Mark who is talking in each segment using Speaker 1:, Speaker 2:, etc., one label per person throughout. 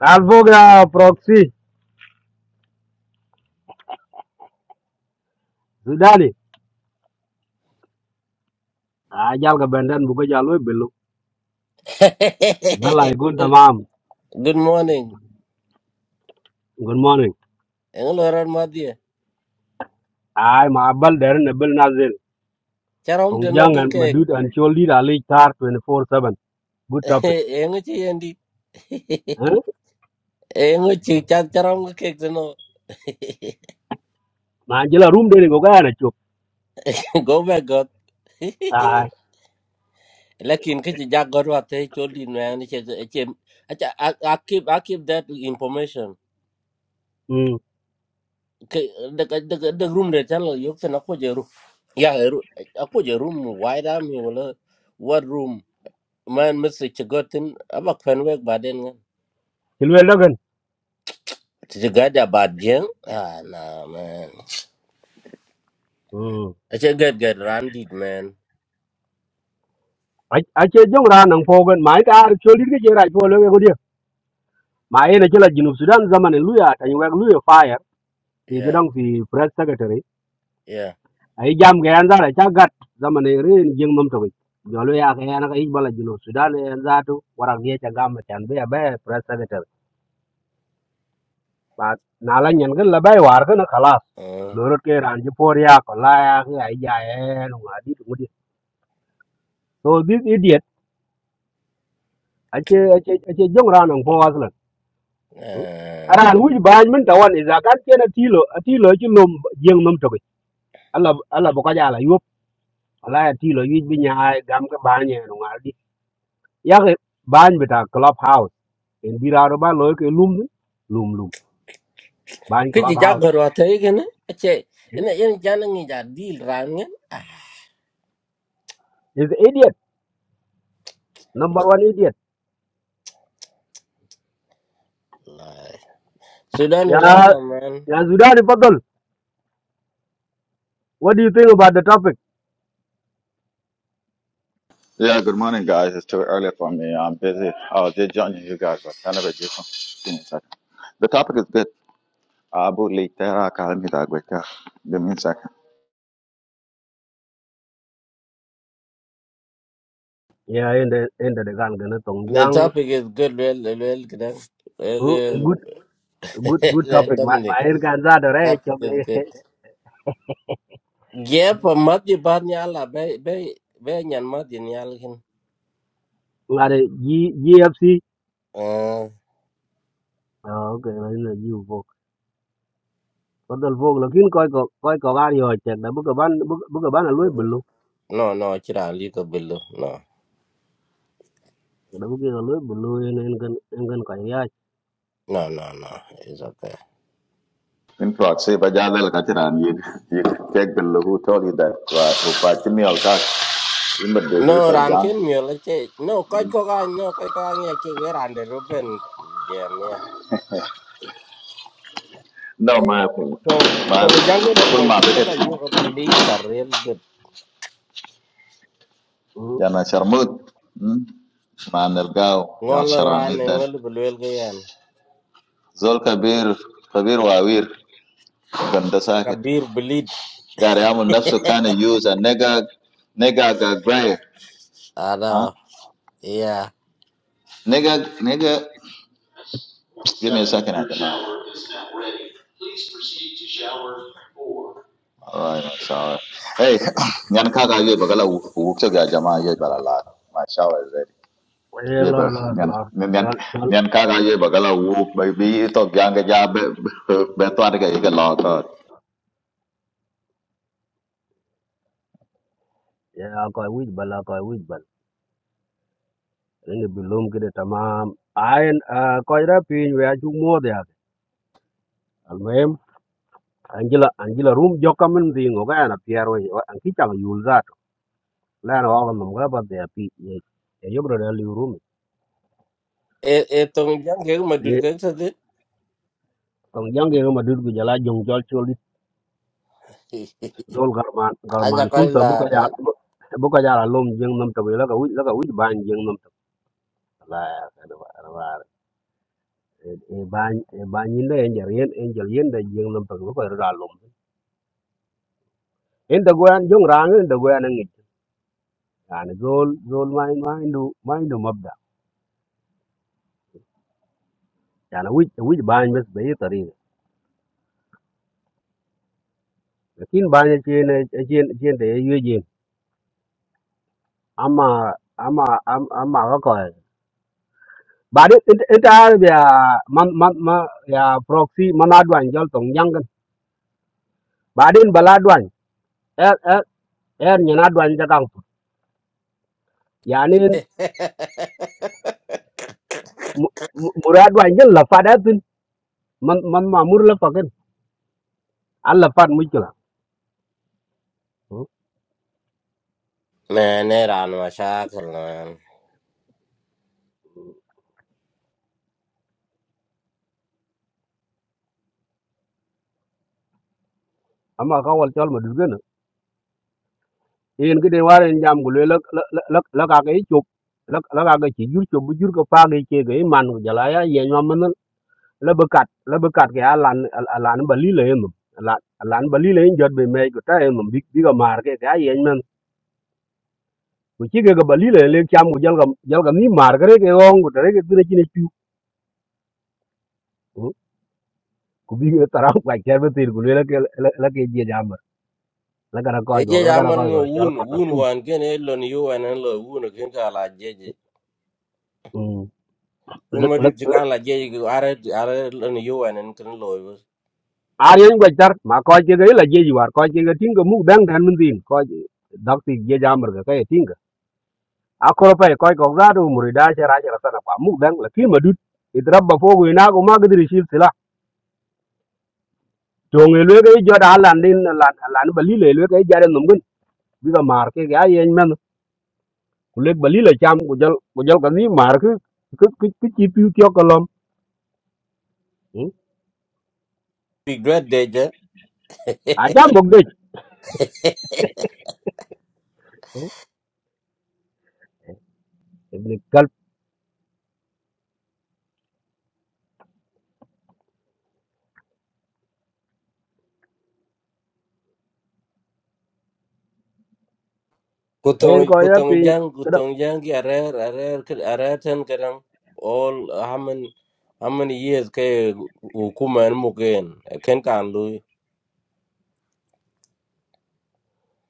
Speaker 1: Al foga proxy Sudani. Ah, jal ka benden buka jalwe belu. Bella igun tamam.
Speaker 2: Good morning.
Speaker 1: Good morning.
Speaker 2: Engo loran madie.
Speaker 1: Ay ma abal derin na bel nazil.
Speaker 2: Charom de
Speaker 1: Tong
Speaker 2: no
Speaker 1: jang
Speaker 2: go
Speaker 1: and
Speaker 2: cake.
Speaker 1: madut and choli da lich tar 24-7. Good topic.
Speaker 2: Engo chi endi.
Speaker 1: Eh?
Speaker 2: Engo chi chat charom go cake de no.
Speaker 1: Ma jela room deni buka yana chuk.
Speaker 2: Go back God.
Speaker 1: Ay.
Speaker 2: Lakin kichi jack God wa te choli no ani che che. Acha I I keep I keep that information.
Speaker 1: Hmm.
Speaker 2: Ke- The the the room de channel yok se na ko jeru. Ya eru. Ako room Why am wala. What room? Man Mr. Chigotin abak fenwek baden
Speaker 1: Chilwe logan.
Speaker 2: It's good about Jing. Ah, nah, man.
Speaker 1: Hmm.
Speaker 2: It's a good, good rounded, man.
Speaker 1: Ache jong ra nang fogan. Ma ita ar choli ka jera ipo loge gudia. Ma ena chela jinub Sudan zaman in luya. Tanyi wek luya fire. Ti
Speaker 2: Yeah,
Speaker 1: gedang fi press secretary.
Speaker 2: yeah.
Speaker 1: ai jam ga yan zara cha gat zaman e re jing mum to jolo ya ga yan ga bala jino sudan yan zato warak ye cha gam chan be be president ba na la nyen ga la bay war ga na khalas
Speaker 2: Uh,
Speaker 1: lorot ke ran ji por ya ko la ya ga ay ya en wa di tu di so this idiot ache ache ache jong ran ang po aslan
Speaker 2: and
Speaker 1: aran wuj bañ min tawan iza kan kena tilo tilo ci lom jeng mum to alla alla boka jala yop ala ya tilo yuj bi nyaay gam ka bañe no ngaldi ya ke bañ bi ta club house en biraro ba loy ke lum lum lum bany
Speaker 2: could you
Speaker 1: club
Speaker 2: jog
Speaker 1: house
Speaker 2: her what again? It's a and in Janning is a deal round. Ah,
Speaker 1: is idiot number one idiot
Speaker 2: lie. Sudan,
Speaker 1: ya
Speaker 2: welcome, man.
Speaker 1: ya zudani fadal what do you think about the topic
Speaker 3: Yeah, good morning, guys. It's too early for me. I'm busy. I was just joining you guys, but kind of a different. Give me a second. The topic is good. Abu Litera Kalmita Gweka. Give me a second.
Speaker 1: yeah in the in the gan gana tong
Speaker 2: The
Speaker 1: yang
Speaker 2: topic is good, well, well, well, good. eh? Well,
Speaker 1: oh,
Speaker 2: well.
Speaker 1: good good good topic ma
Speaker 2: Dominic,
Speaker 1: ma er gan za da
Speaker 2: the
Speaker 1: re
Speaker 2: topic
Speaker 1: cho ge
Speaker 2: is good. Yeah, for Madi Barniala, bay, bay, bay, and Madi Nialkin.
Speaker 1: ngare gfc
Speaker 2: Uh,
Speaker 1: Ờ, ok đấy là nhiều vô có đơn vô là kiến coi có coi có gan rồi chẳng đã bước cái bán bước bước cái bán là lưới bự luôn
Speaker 2: no, no, Chira, Lika Billo, no.
Speaker 1: đã bước kia là lưới bự luôn nên cần nên cần cái gì ai
Speaker 2: No, no, no. It's okay.
Speaker 3: In fact, see, but yeah, they'll get it on you you take the look who told you that, right? Who fight me all that. Remember the date
Speaker 2: No,
Speaker 3: of
Speaker 2: ran
Speaker 3: John?
Speaker 2: ken mi ole che. No, koi ko ga no koi ko ga ngi che ge ran de ruben jam ya.
Speaker 3: No, my my
Speaker 2: So to ngi jang ne
Speaker 3: full
Speaker 2: mo
Speaker 3: my
Speaker 2: ntu ya
Speaker 3: bigot.
Speaker 2: ba yo ba le tar rel gut.
Speaker 1: ừ
Speaker 3: Jana Sharmut. hmm? Ma Nergao. Ya
Speaker 2: Ngol ran ne
Speaker 3: Sharamid.
Speaker 2: ngol bulwel ge yan.
Speaker 3: Zol Kabir. Kabir Wawir. Ganda
Speaker 2: Kabir bleed.
Speaker 3: Gariamu nafsu kana use nega nega gagaya. Huh?
Speaker 2: Ada. Yeah.
Speaker 3: Nega nega give me a second after that. Alright, I'm sorry. Hey, nyan kaka ye bagala wukse ga jama ye balala. My shower is ready.
Speaker 1: vậy
Speaker 3: Ye
Speaker 1: là
Speaker 3: ba
Speaker 1: là
Speaker 3: nyan
Speaker 1: là
Speaker 3: nyan
Speaker 1: cho cho
Speaker 3: nyan kaka ye bagala wuk ba bi to gyanga ja be be to adega ye ga la.
Speaker 1: Yeah, koy wij bala koy wij bal. Ini belum kita tamam. Ain koy ra pin we acu mod ya. Almuhim anjila anjila room joka min dingo ka ana piar we anki chang yul zat. La na wa ngam ga ba de pi ye. Ye yobro da liu.
Speaker 2: E e to ngi jang ge ma dut
Speaker 1: Ye
Speaker 2: ge sa dit.
Speaker 1: tong jang ge ma dud gu jala jong jol choli dol garman
Speaker 2: Aja
Speaker 1: garman
Speaker 2: koi
Speaker 1: sulta
Speaker 2: la
Speaker 1: bu ka
Speaker 2: da.
Speaker 1: ya bu lom jeng nam ta we la ka wij la ka ban jeng nam ta la ya ka da ba E ban e ban yin da Angelian jar yen en jal yen da jeng nam ta bu ka inda goyan jong rang inda goyan ngi yani zol zol ma ma indu ma indu mabda yani wij wij ban bes be tari lakin ban che ne che che de yeje ama ama am- ama ga ko ba de inta ya man man ma ya proxy man adwan jol tong yang ba din bala adwan er er er nyana adwan ja kang yani muradwan jel la fadatin man man ma mur la fakin alla fat mujkala
Speaker 2: Ne ne ran ma shakal
Speaker 1: amma kawal chol ma yen ki den waren jam gu le la lắc lắc lắc ka ke chup la la ka ke chi jur chup bu cái ko cái ke ke ke man gu jala ya ye nyom man lắc be cắt la be kat ke alan alan ba li le yem alan alan ba li le yin jot ta yem bi bị ga mar ke cái cái man ku chi ke ga ba li le le cham gu jal ga jal cái ni cái ke ke ong cái tre ke tre chi ne chu cái bi ga tara ka ke be tir gu le la ke la ke je jam la ka ra ko go
Speaker 2: ejeej
Speaker 1: la ka ra ko
Speaker 2: amarŋo
Speaker 1: go jal
Speaker 2: wun
Speaker 1: ka ta
Speaker 2: wun
Speaker 1: sum
Speaker 2: wan ken e lon yuwen en lo wun ken ka la jeje kun ma dit kan la jeje ki are are lon yuwen en ken lo yo.
Speaker 1: arien gwa tar ma ko ke ga la je war ko ke ga tinga mu dang dan mun din ko dak ti je jamar ga kay tinga a ko pa ko ko ga do muri da ce ra ce sana kwa mu dang la ki madut idrabba fo go ina go ma ga dir shi sila to nge le ga jo da lan din lan lan ba li le le ga ja den num gun bi ga mar ke ga yen men ku le ba li le cham ku jal ku jal ka ni mar ku ku ku ku chi pi kyo ko lom Mm.
Speaker 2: big dread deje
Speaker 1: a jam bok de ibn kal en
Speaker 2: kutong
Speaker 1: ko ya
Speaker 2: kutong
Speaker 1: pi
Speaker 2: jang
Speaker 1: kada
Speaker 2: kutong jang ki are are are ten kadam all how many how many years ke hukuma en muken ken kan lu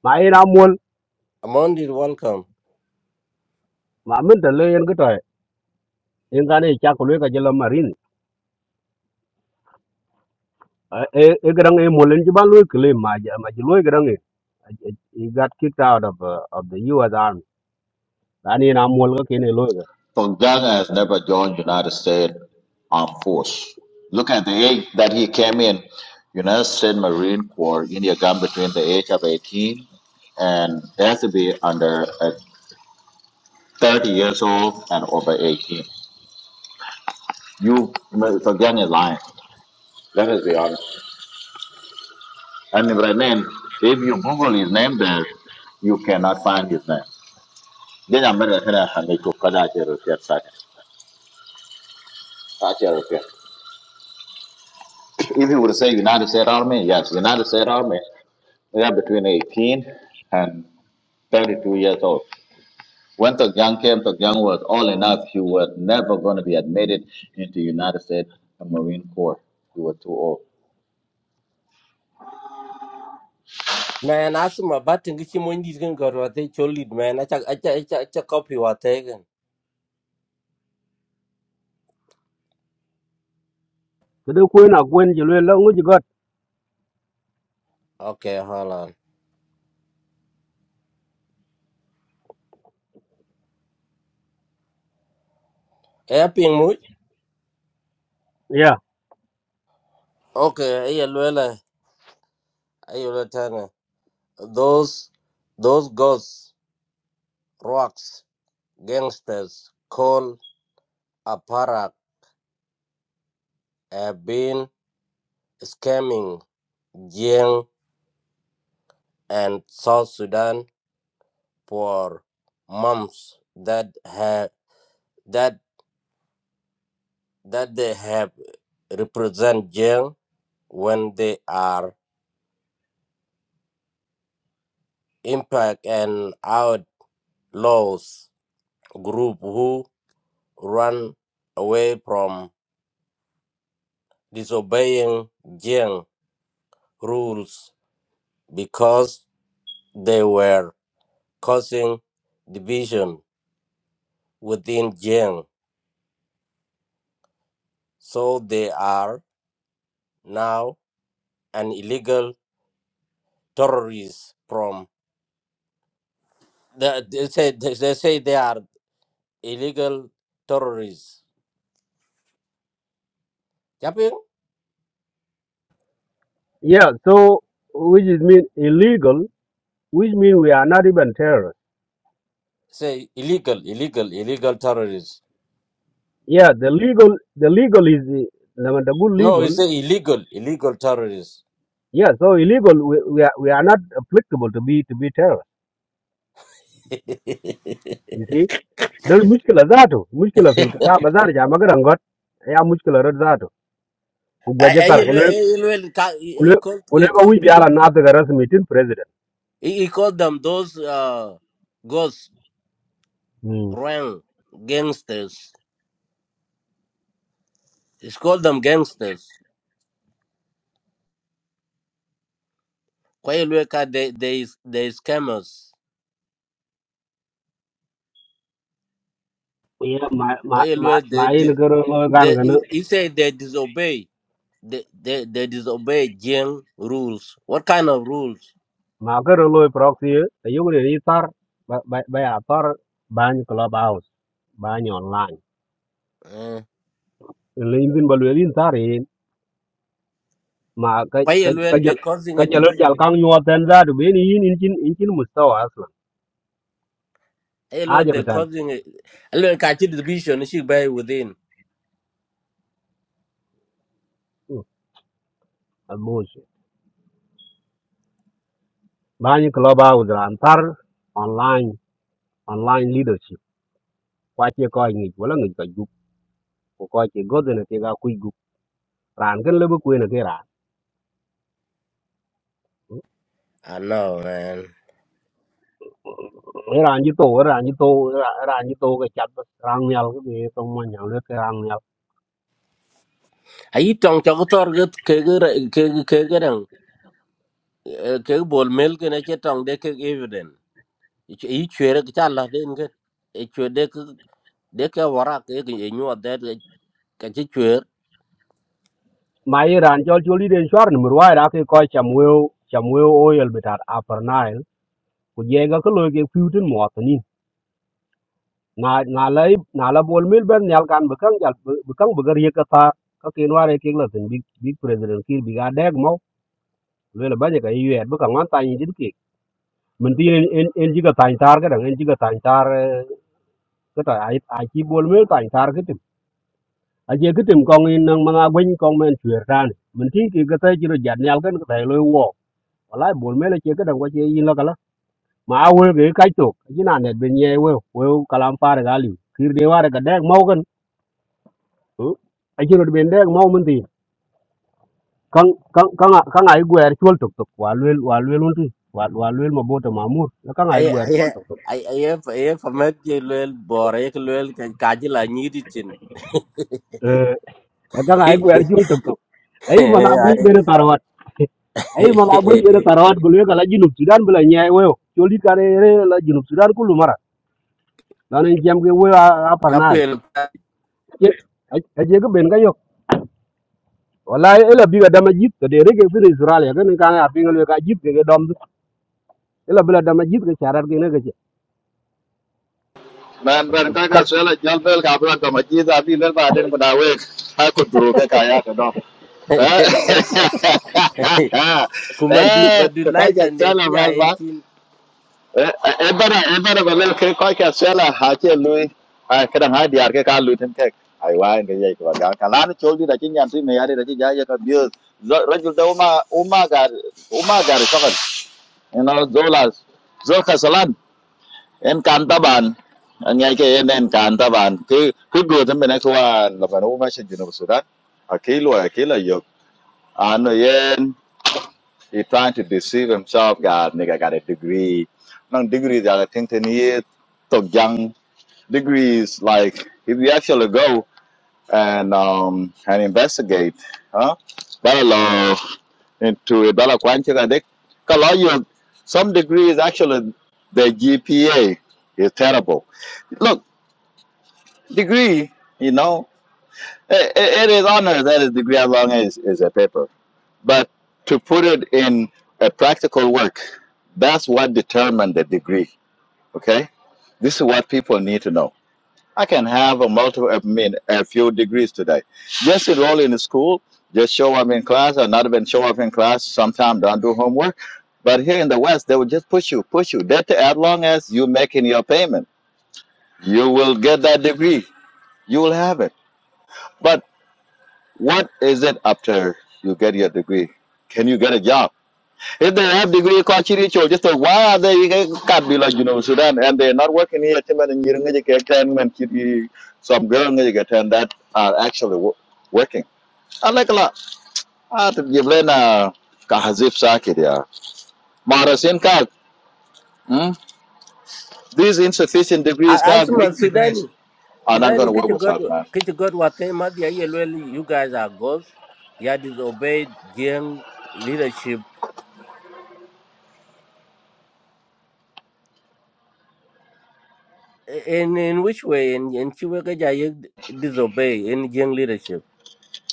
Speaker 1: ma ina mol
Speaker 2: amondi welcome
Speaker 1: ma min da le en gane cha ko le ka jela marin e e grang e molen ji ban lo kle ma ja ma ji lo grang e he got kicked out of uh, of the US army ani na mol ga kene lo ga
Speaker 3: Tongjang has never joined United States Armed Force. Look at the age that he came in, United States Marine Corps in the gun between the age of 18 and they has to be under uh, 30 years old and over 18. You, Tongjang is lying. Let us be honest. And Renan, if you Google his name there, you cannot find his name. Then I'm gonna kinda hand it to Kada Ajay Rupiah second. If you would say United States Army, yes, United States Army. yeah, between 18 and 32 years old. When Tok Young came, Tok Young was all enough. He was never going to be admitted into United States Marine Corps. He was too old.
Speaker 2: man asma batin ki chimo ndi ken korwate cholit man acha acha acha acha copy wate ken
Speaker 1: so de ko na gwen ji lo la ngu ji got
Speaker 2: okay hold on e ping mo?
Speaker 1: yeah
Speaker 2: Okay, aye, Luella, aye, Latana. Those, those ghosts, rocks, gangsters, called Aparak have been scamming Jiang and South Sudan for months. That have that that they have represent Jiang when they are impact and outlaws group who run away from disobeying Jiang rules because they were causing division within Jiang. So they are now an illegal terrorist from the, they say they, they say they are illegal terrorists. Japing
Speaker 1: yeah so which is mean illegal which mean we are not even terrorists
Speaker 2: say illegal, illegal, illegal terrorists.
Speaker 1: yeah the legal the legal is the the good
Speaker 2: No, you
Speaker 1: legal
Speaker 2: say illegal, illegal terrorists.
Speaker 1: yeah so illegal we, we are we are not applicable to be to be terrorists
Speaker 2: I,
Speaker 1: you see there mushkila zato mushkila fil kitab azar ja magaran got ya mushkila rad
Speaker 2: I,
Speaker 1: Gwajatar
Speaker 2: he, he, he,
Speaker 1: kulwe
Speaker 2: he, called, he,
Speaker 1: wi biala na ta garas meeting president
Speaker 2: he called them those uh, ghosts
Speaker 1: mm
Speaker 2: rank gangsters. It's called them gangsters. Kwayelweka, they they they scammers.
Speaker 1: ye ma ma ma
Speaker 2: Kwayelwe, they
Speaker 1: ma yin
Speaker 2: did
Speaker 1: garo lo gan
Speaker 2: they
Speaker 1: gan
Speaker 2: he he said they disobey. They they, they disobey Jiang rules. What kind of rules?
Speaker 1: ma garo lo proxy ta yugre ni tar ba ba ba ya tar ban club house ban online
Speaker 2: Uh,
Speaker 1: le yin bin balwe yin tar yin ma ka ka ka
Speaker 2: Kwayelwe, they're
Speaker 1: jal
Speaker 2: causing
Speaker 1: ka
Speaker 2: a
Speaker 1: jal
Speaker 2: division.
Speaker 1: jal kan yo tan za du be ni yin in chin in chin mustawa aslan
Speaker 2: Kwayelwe,
Speaker 1: haja
Speaker 2: they're
Speaker 1: bitan
Speaker 2: causing a Kwayelwe a division. She by within.
Speaker 1: almus ban club house ran tar online online leadership kwa che ko ngi wala ngi ka ko ko ke godo ne ke ga ku gu ran gan le bu ku ne ke ran
Speaker 2: I know, man.
Speaker 1: e ran ji to e ran ji to e ran ji to ke chat ran nyal ke be to mo nyal le ke ran nyal
Speaker 2: Are you talking to Kegger Kegger Kegger Kegger Kegger Kegger Kegger Kegger Kegger Kegger Kegger i chwere ki cha la den ke e chwe de ke de ke wara ke ke e nyu de ke chi chwer
Speaker 1: ma e ran jol joli den shwar ni mur wa ra ke ko cham weo cham weo o yel bitat upper nile ku je ga ko lo ke fu tin mo to ni na na lai na la bol mil ben nyal kan be kan jal be kan be gar ye ka ta ka ke no are ke la tin big big president kir bi ga deg mo le le ba ne ka yu et bu ka ngan ta ni dit ke mình tin en en en jiga tan tar ga en jiga tan kata ai ai ki bol mel tan tar kitim a je kitim kong in nang mana gwen kong men chwer tan men tin ki kata jiro jat nyal kan kata lo wo wala bol mel che kada ko che yin la kala ma a wel ge kai tok jina net ben ye we we kalam par ga li kir de war ga dek mau kan a jiro ben dek mau men tin kang kang kang a- kang ai gwer chol tok tok wa lel wa lel un tin wa wa lel ma bota mamur kang ai
Speaker 2: ai
Speaker 1: gwer
Speaker 2: ai
Speaker 1: chol tok tok
Speaker 2: ai ai ai ai fa me ke lel bor e ke lel ke ka ji la ni di chin
Speaker 1: eh kang ai gwer chol tok tok ai mana gwen
Speaker 2: ai
Speaker 1: ben tar ay mala bun gere tarawat gol we kala jinub sudan bula nyaay weyo joli kare re la jinub sudan kullu mara lanen jam ge weyo a
Speaker 2: ka
Speaker 1: parnaay
Speaker 2: pel
Speaker 1: aje ge ben ga yok wallahi ela biga dama jit to de rege fi israel ya gane kan a pingal we ka jit ke dom ela bila dama jit ke charar ge ne ge ce.
Speaker 3: man when ban ka ka
Speaker 1: kal
Speaker 3: sela jal bel ka bra ka maji da bi le ba den ba we ha ko duro ke ka ya ka do it. I had enough. eh
Speaker 2: kuma dud ba
Speaker 3: eh
Speaker 2: dud lai
Speaker 3: ka ka
Speaker 2: san de chi
Speaker 3: sela
Speaker 2: nya e
Speaker 3: ba
Speaker 2: chin
Speaker 3: e e bara e ke ko ka sela ha che lui a kra ha diar ke ka lui ten ke ai wa en ke ye ko ga ka lan chol di da chin yan si me ya di da chi ja ye ka bi rajul da uma uma gar uma gar shakal you zola zol khasalan en kan taban an ya ke en en kan taban ku ku go tan be na ko wa la ba no ma shin jinu sudan akilo akila yo ano yen he trying to deceive himself, God, nigga got a degree. No degrees are thing ten years, so young degrees like if you actually go and um and investigate, huh? That law into a dollar quantity that they allow you some degrees actually the GPA is terrible. Look, degree, you know, it, it it is honor that is degree as long as is a paper But to put it in a practical work, that's what determined the degree. Okay, this is what people need to know. I can have a multiple, I mean, a few degrees today. Just enroll in school, just show up in class, or not even show up in class. Sometimes don't do homework. But here in the West, they will just push you, push you. That as long as you're making your payment, you will get that degree. You will have it. But what is it after you get your degree? Can you get a job? If they have degree Kochiri Cho, just like why are they can't be like you know Sudan and they're not working here Tim and you get ten and Kitty some girl and you get ten that are actually wo- working. I like a lot. Ah to give Lena Kahazif Sakit yeah. Marasin Kag. hmm? These insufficient
Speaker 2: a
Speaker 3: degrees, Kag,
Speaker 2: asuma
Speaker 3: weak
Speaker 2: sudani
Speaker 3: degrees are not
Speaker 2: Sudan
Speaker 3: gonna work
Speaker 2: kichi
Speaker 3: with
Speaker 2: god
Speaker 3: us, man.
Speaker 2: kichi god wate madi ya yelweli you guys are ghosts. Ya disobeyed gang leadership. In in which way? In in chiweke ja ye disobey in gang leadership.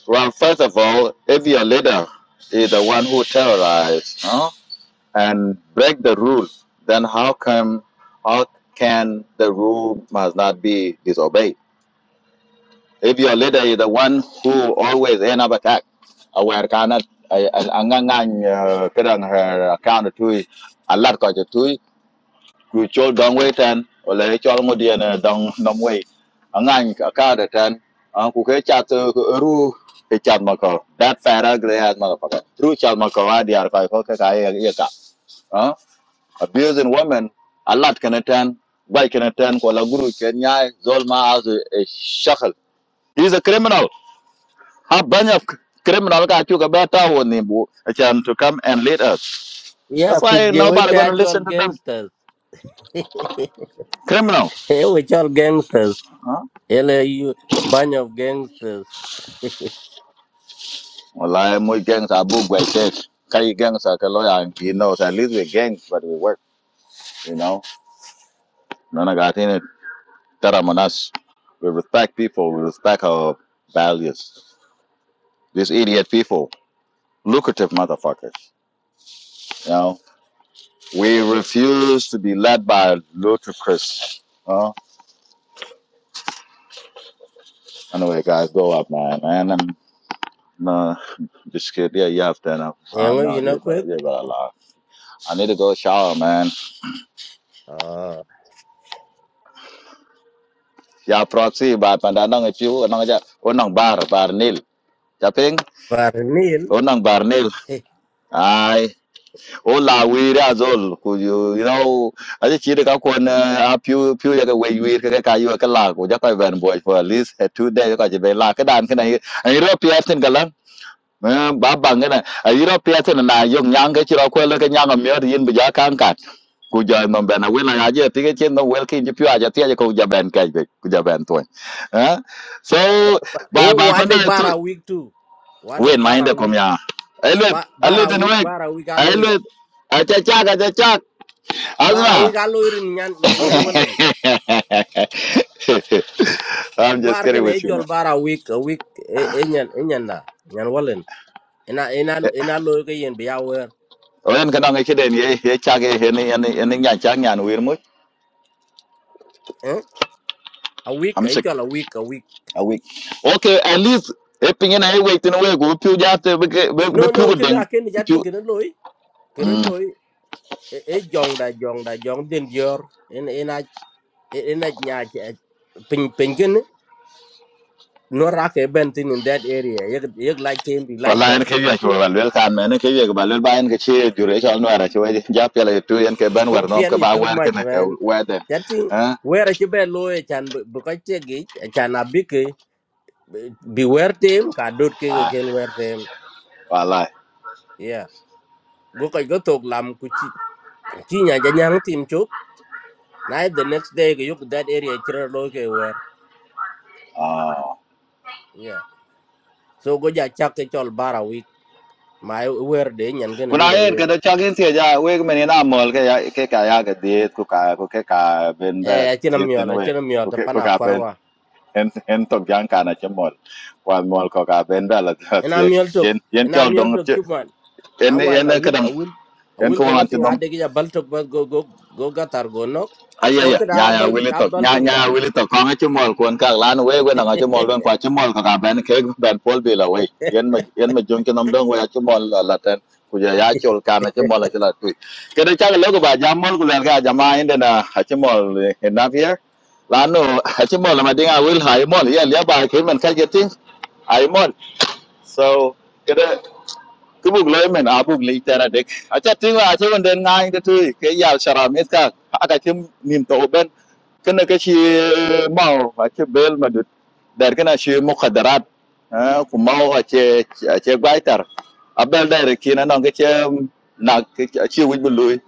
Speaker 3: Well, first of all, if your leader is the one who terrorized, huh? and break the rule, then how come how can the rule must not be disobeyed? If your leader is the one who always end up attack, aware cannot angangang kadang her account to a lot ko to ku chol dong wait and or le chol ngodian dong nom wait angang account ten an ku ke chat ru ke chat mako that paragraph has motherfucker ru chat mako adiar ko ko ka ye ka abusing women a lot can attend by can attend kwa la guru kenya zolma as a, shackle he's a criminal how bunch of criminal guy took a better one name a chance to come and lead us
Speaker 2: Yeah,
Speaker 3: that's why
Speaker 2: kuje we
Speaker 3: nobody
Speaker 2: be
Speaker 3: gonna
Speaker 2: actual
Speaker 3: listen to them
Speaker 2: gangsters.
Speaker 3: criminal
Speaker 2: Eh, we all gangsters.
Speaker 3: huh
Speaker 2: Ele you bunch of gangsters.
Speaker 3: well i am with gangs abu by tech kai gangs are lawyer and he knows at least we're gangs but we work you know none of got in it taramanas we respect people we respect our values these idiot people lucrative motherfuckers You know. We refuse to be led by ludicrous. Oh, anyway, guys, go up, man. Man, I'm no, just kid. Yeah, you have to. know. Uh,
Speaker 2: Engo
Speaker 3: no,
Speaker 2: you know
Speaker 3: you better,
Speaker 2: kwet.
Speaker 3: you better laugh. I need to go shower, man.
Speaker 2: Ah,
Speaker 3: Yeah, proxy, but when I don't you, I don't get. Oh, no, bar, bar, nil. Tapping.
Speaker 2: Barnil.
Speaker 3: Oh, no, bar, nil.
Speaker 2: Eh,
Speaker 3: Aye. Oh, la, we as all. Could you, you know, I just cheated up on a pew, pew, like a way we can get you a lag. Would you have been boy for at least uh, two days? You're Because you can just be like, I can't. Can I? I need to pay attention, girl. Eh, ba bang ina a yiro piasa na ayiro piete na yong nyang ke chiro kwelo ke nyang mier yin bu ja kan kat ku ja no ben awen na je ti ke chen no wel ki ji pya ja ti ja ku ja ben kai be ku ja ben to eh so
Speaker 2: ba- ba-
Speaker 3: ba
Speaker 2: Oh,
Speaker 3: ba
Speaker 2: what
Speaker 3: fa
Speaker 2: the
Speaker 3: na tu
Speaker 2: bara week too? What the
Speaker 3: wen ma
Speaker 2: bara
Speaker 3: inde kom
Speaker 2: week?
Speaker 3: ya elwe
Speaker 2: Ba
Speaker 3: alle
Speaker 2: bara
Speaker 3: den we
Speaker 2: week bara week
Speaker 3: elwe a cha cha ga cha cha
Speaker 2: bara
Speaker 3: azma
Speaker 2: wik a loirin nyan nyan walen
Speaker 3: I'm just
Speaker 2: bar
Speaker 3: kidding
Speaker 2: ken
Speaker 3: with
Speaker 2: e
Speaker 3: you man.
Speaker 2: chol bara wik a wik e e nyan e nyan na nyan walen ina ina ina loy ke yen biya wer
Speaker 3: Wen kana ngi kiden ye ye cha ge he ni ni ni nya cha nya no wir mu
Speaker 2: eh a wik e chol a wik a wik
Speaker 3: awik okay at least e pinge na e wait in a way go piu ja te be ke- be be
Speaker 2: no no
Speaker 3: piu
Speaker 2: ken
Speaker 3: ding
Speaker 2: a ken
Speaker 3: piu
Speaker 2: jatin ken loy ken
Speaker 3: mm
Speaker 2: loy e e jong da jong da jong den dior in ina ina nya Ping pin ken no ra ke ben tin in that area yek yek like tem bi like
Speaker 3: wala en ke ya
Speaker 2: ben
Speaker 3: ko wal wel kan men ke ye ba lel ba en ke che jure cha no ara che we ja pe le tu en ke ban war no ke
Speaker 2: really
Speaker 3: ba
Speaker 2: too
Speaker 3: war ke
Speaker 2: much
Speaker 3: na ke
Speaker 2: man
Speaker 3: we de
Speaker 2: that thing
Speaker 3: ha
Speaker 2: where ci be lo e chan bu ko che gi chan abike Beware them, tem ka dot ke ken wer tem
Speaker 3: wala
Speaker 2: yeah go ko go tok lam ku Kinya, chi nya ja nyang tim the next day go yuk that area chira lo ke wer
Speaker 3: ah
Speaker 2: yeah so go ja chak ke chol bara week ma wer de nyan ken en
Speaker 3: kuna
Speaker 2: lo
Speaker 3: en ke da cha gen se ja we men na mol ke ya ke ka ya ke diet ku ka ku ke ka ben ba
Speaker 2: eh chinam
Speaker 3: tiek
Speaker 2: yo
Speaker 3: ten
Speaker 2: la
Speaker 3: we
Speaker 2: chinam
Speaker 3: ku ke ku
Speaker 2: tapana
Speaker 3: ka ben
Speaker 2: kwarwa.
Speaker 3: en en tok jan kana che mol wan mol ko ka ben dala ta
Speaker 2: and
Speaker 3: tie
Speaker 2: I'm yell talk,
Speaker 3: yen yen
Speaker 2: and I'm
Speaker 3: chol
Speaker 2: yell
Speaker 3: dong
Speaker 2: talk,
Speaker 3: che
Speaker 2: keep man.
Speaker 3: en
Speaker 2: Now one, I
Speaker 3: en ka
Speaker 2: will, I
Speaker 3: dang
Speaker 2: will, I
Speaker 3: en
Speaker 2: will
Speaker 3: ko
Speaker 2: can
Speaker 3: wan
Speaker 2: up a
Speaker 3: che dom
Speaker 2: Adega talk, but go, go, go, Gatar, go, no.
Speaker 3: aya
Speaker 2: So
Speaker 3: ya
Speaker 2: could
Speaker 3: nya
Speaker 2: I
Speaker 3: ya
Speaker 2: balt,
Speaker 3: wili
Speaker 2: I
Speaker 3: tok nya
Speaker 2: baltung
Speaker 3: nya
Speaker 2: da.
Speaker 3: wili tok ko che mol kon ka lan we we na che mol don kwa che mol ka ka ben ke ben pol bi la we yen ma yen ma jong che nam dong we a che mol la la ten ku ya ya chol kana che mol la che la tu ke de cha lo ko ba jam mol ku la ga jama en de na a che mol en na pia lanu a ci mol ma dinga wil ha mol ya le ba ke man ka je tin so kada kubuk loy men abuk le tara dek acha tinga acha wan den ngai de tu ke yal shara mes ka aka chim nim to ben kana ka shi mau acha bel madut dar kana shi muqaddarat ku mau acha acha gwaitar abel dar kina non ke chem na ke chi wi bului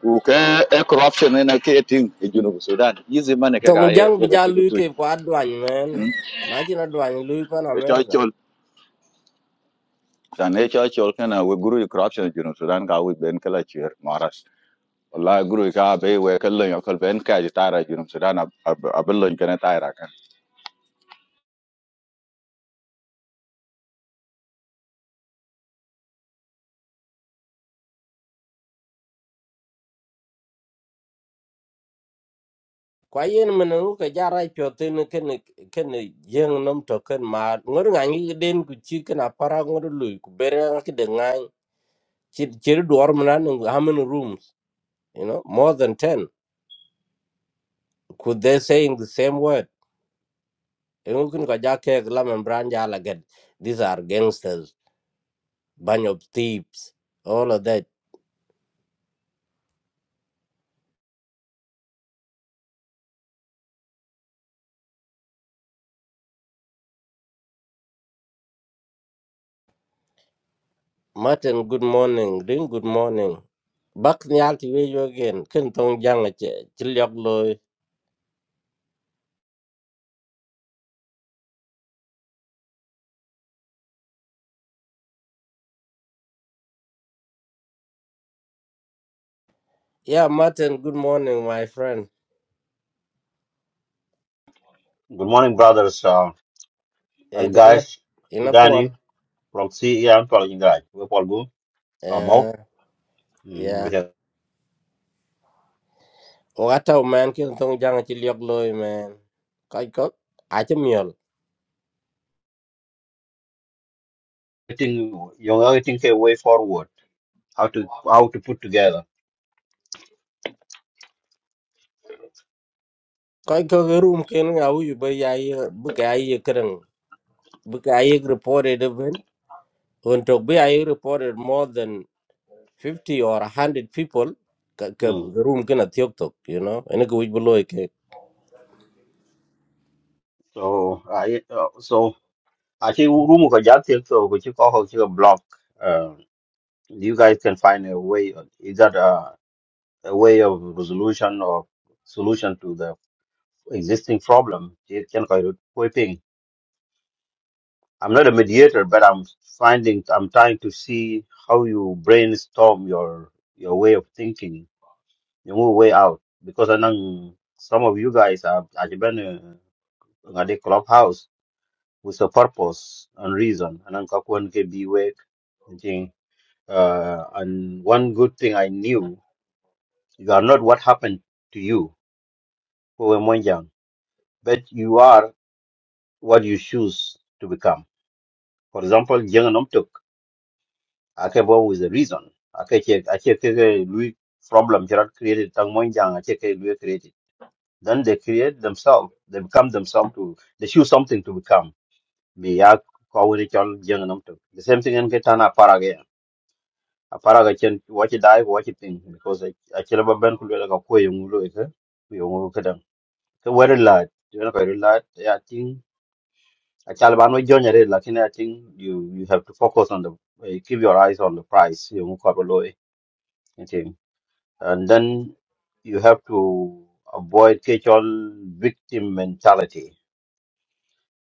Speaker 3: ku ke e corruption na ke ting e junu sudan yizi mane ka ga
Speaker 2: Tong
Speaker 3: ye
Speaker 2: Jang
Speaker 3: ga
Speaker 2: Bija
Speaker 3: tingu tu
Speaker 2: Luke, quad one, man. Imagine a dwan, Luke on America.
Speaker 3: san ne cha chol kana we guru corruption jinu sudan ka we ben kala chir maras Allah, guru ka be we kala yo kal ben ka ji tara jinu sudan abello kana tara kan
Speaker 2: Kwayen menuka jara chotin ken ken jeng nom token ma ngor ngangi den ku chicken apara ngor lui ku bere ngi de ngai chir chir duor manan hamen rooms you know more than 10 could they saying the same word Yungkin ko ja kek lam en bran ja la get. these are gangsters bunch of thieves all of that martin good morning green good morning back nyal ti we yo again ken tong jang a che chilyok loy yeah martin good morning my friend
Speaker 4: Good morning, brothers uh,
Speaker 2: e
Speaker 4: and
Speaker 2: gede
Speaker 4: guys.
Speaker 2: ina por
Speaker 4: Sudani from CEM following guy. We all go. I'm out.
Speaker 2: eh
Speaker 4: Mm, we
Speaker 2: yeah
Speaker 4: have
Speaker 2: wata man ken tong jang a chilyok loy man kai ko a che miol
Speaker 4: getting you're getting a way forward. How to how to put together.
Speaker 2: kai ko room ken ngau yu ba ya ye bu ka ye because I reported even when to be I reported more than fifty or hundred people ka ka
Speaker 4: Mm.
Speaker 2: room kena tioktok you know and ko wich below ke
Speaker 4: So I uh, so I think room ka jati so which you call a block. Uh, you guys can find a way. Is that a, a way of resolution or solution to the existing problem? It can I'm not a mediator, but I'm finding I'm trying to see how you brainstorm your your way of thinking, your own way out. Because I know some of you guys are have been uh, at the clubhouse with a purpose and reason, and I'm going can be awake. thinking, Uh, and one good thing I knew, you are not what happened to you, who were more young, but you are what you choose to become. For example, ake bo with the reason ake che ake ke ke lui problem jarat created tang mon jang ake ke lui created then they create themselves they become themselves to they choose something to become be ya ko we chol jeng nam to the same thing en ke tana para ge a para ge chen watch die watch thing because a chele ba ben ku le ka ko yung lu ke yung ke dang ke wer la you know very lot i think a chal ban we jonya re lakini i think you you have to focus on the eh, keep your eyes on the prize yung ko lo And then you have to avoid catch-all victim mentality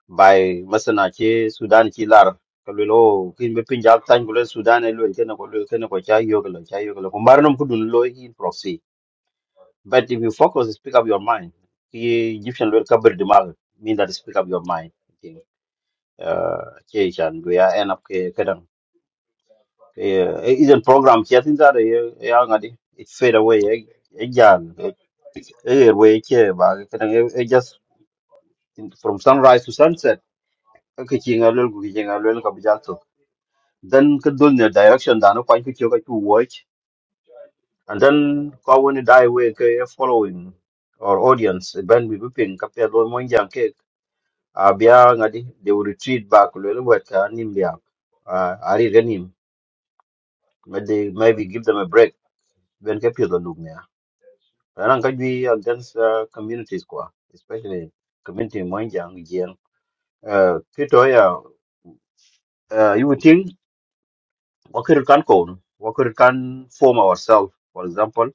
Speaker 4: by masana che Sudan chi lar kalwelo kin be pinjal tan gulo Sudan e lwen kena ko lwen kena ko cha yoglo cha yoglo ko marnum kudun lo in proxy but if you focus speak up your mind the Egyptian lwen kabir dimal mean that speak up your mind I think uh che chan go ya end up ke Yeah, e-, izen program chatting that ya ngadi it fade away e jan e e er we che ba kadang e e just from sunrise to sunset ka chinga lol ku chinga lol ka bijal to then ka dul ne direction da no kwa ku chu ka chu watch and then ka woni die way ka e following or audience e ben bi ping ka pe lol mon jan ke a ngadi they will retreat back lol wet ka nim bia a ari ganim maybe maybe give them a break ben ka pe lol Aran ka jui against uh, communities kwa, especially community Mwanjang Jiang. Uh, kito ya, uh, you would think wakir kan kon, wakir can form ourselves, for example.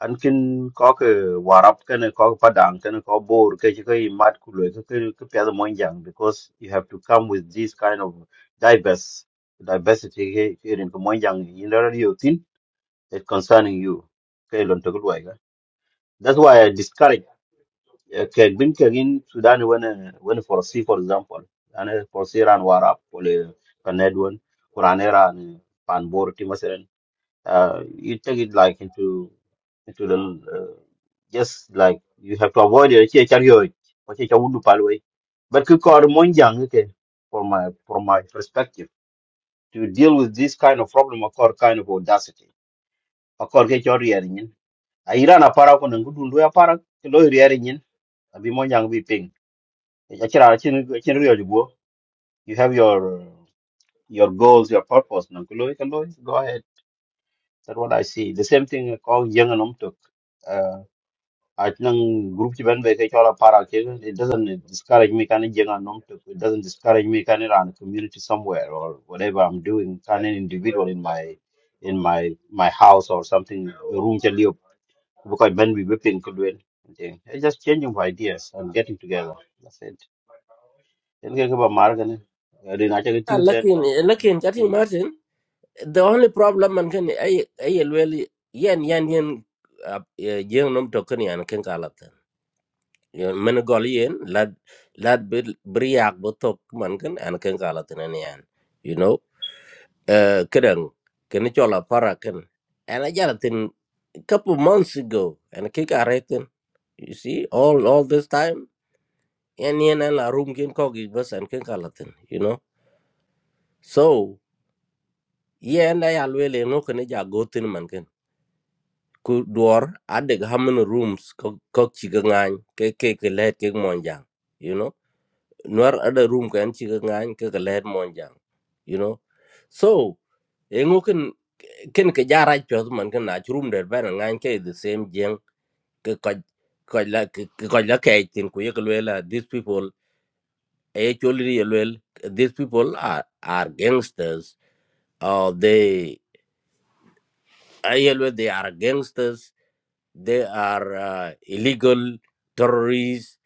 Speaker 4: An kin kok warap kene kok padang kene kok bor ke chike mat kulo ke ke ke piada Mwanjang because you have to come with this kind of diverse diversity he- here in Mwanjang in the radio thin it's concerning you. Ke lon to kulwa That's why I discourage كان بين كاين سوداني وين وين فرسي فور اكزامبل انا فرسي ران واراب ولا كندون قران ران بان بورتي مثلا uh, you take it like into into the uh, just like you have to avoid it che chario che chawundu palwe but ku kor monjang ke from my from my perspective to deal with this kind of problem or kind of audacity a core ke chori yarin a irana para ko nangudundu ya para ke lo yarin abi monjang bi ping Actually, I can go. You have your your goals, your purpose. Nan ku loy, Go ahead. That's what I see. The same thing called young and umtuk. Uh, At think group chi ben be ke chola para ke, It doesn't discourage me. Can young and umtuk. It doesn't discourage me. Can run a community somewhere or whatever I'm doing. Can an individual in my in my my house or something room cha liop. Because ben we whipping could win. It's just changing of ideas and getting together. That's it. Ken ke ba mar ke Ri na che ting chen to.
Speaker 2: lakin eh, lakin jati martin the only problem man kan ay ay well yan yan yan uh, eh, jeng nom to kan yan ken kalatan yon men gol yen lad lad bir yak botok man kan an ken kalatan an yan you know uh kadang kena chola parakan and i got it in a couple of months ago and I kick arretin you see all all this time and yen and la room kin kogi bus and kin kalatin you know so yen i alwele no kena ja gotin man kin ku dwar adeg hamen rooms kok kok chigangan ke ke ke let ke monjang you know nor ada room kan chigangan ke ke let monjang you know so ken ke jara chos man ken na chrum der ben ngan ke the same jeng ke ko ko la ke ko la ke tin ku ye la these people actually well these people are are gangsters or they ayelwe they are gangsters they are uh, illegal terrorists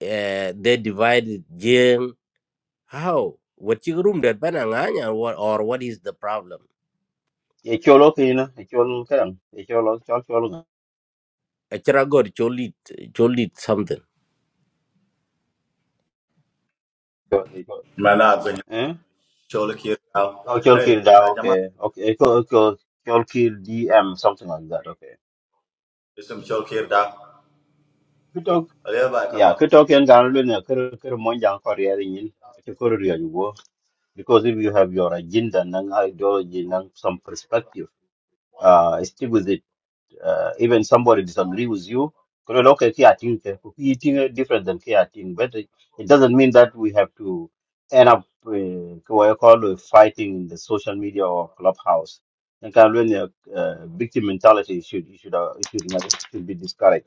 Speaker 2: uh, they divide jeng how what you room that ben ngan or what is the problem
Speaker 4: Ye cholo ki na, ye chol ke ran. cholo chol chol.
Speaker 2: achara god cholit cholit something
Speaker 4: Ye chol.
Speaker 3: Mana gwen
Speaker 4: Eh?
Speaker 3: chol kir dao.
Speaker 4: Oh, chol
Speaker 3: Hey,
Speaker 4: ki da okay.
Speaker 3: ajama
Speaker 4: Okay, ye chol chol chol ki DM something like that. Okay.
Speaker 3: isum chol kir dao.
Speaker 4: Kutok
Speaker 3: Aliya ba
Speaker 4: Yeah,
Speaker 3: kama.
Speaker 4: kutok en gan lu ne ker ker mon jang ko ri yin. Che ko ri yu go. Because if you have your agenda and ideology and some perspective, uh, stick with it. uh, even somebody disagree with you kolo loke kia ting ke ku ki ting eh, different than kia ting but it, it doesn't mean that we have to end up uh, what you call uh, fighting in the social media or clubhouse and kind of uh, victim mentality should should uh, should, not- should be discouraged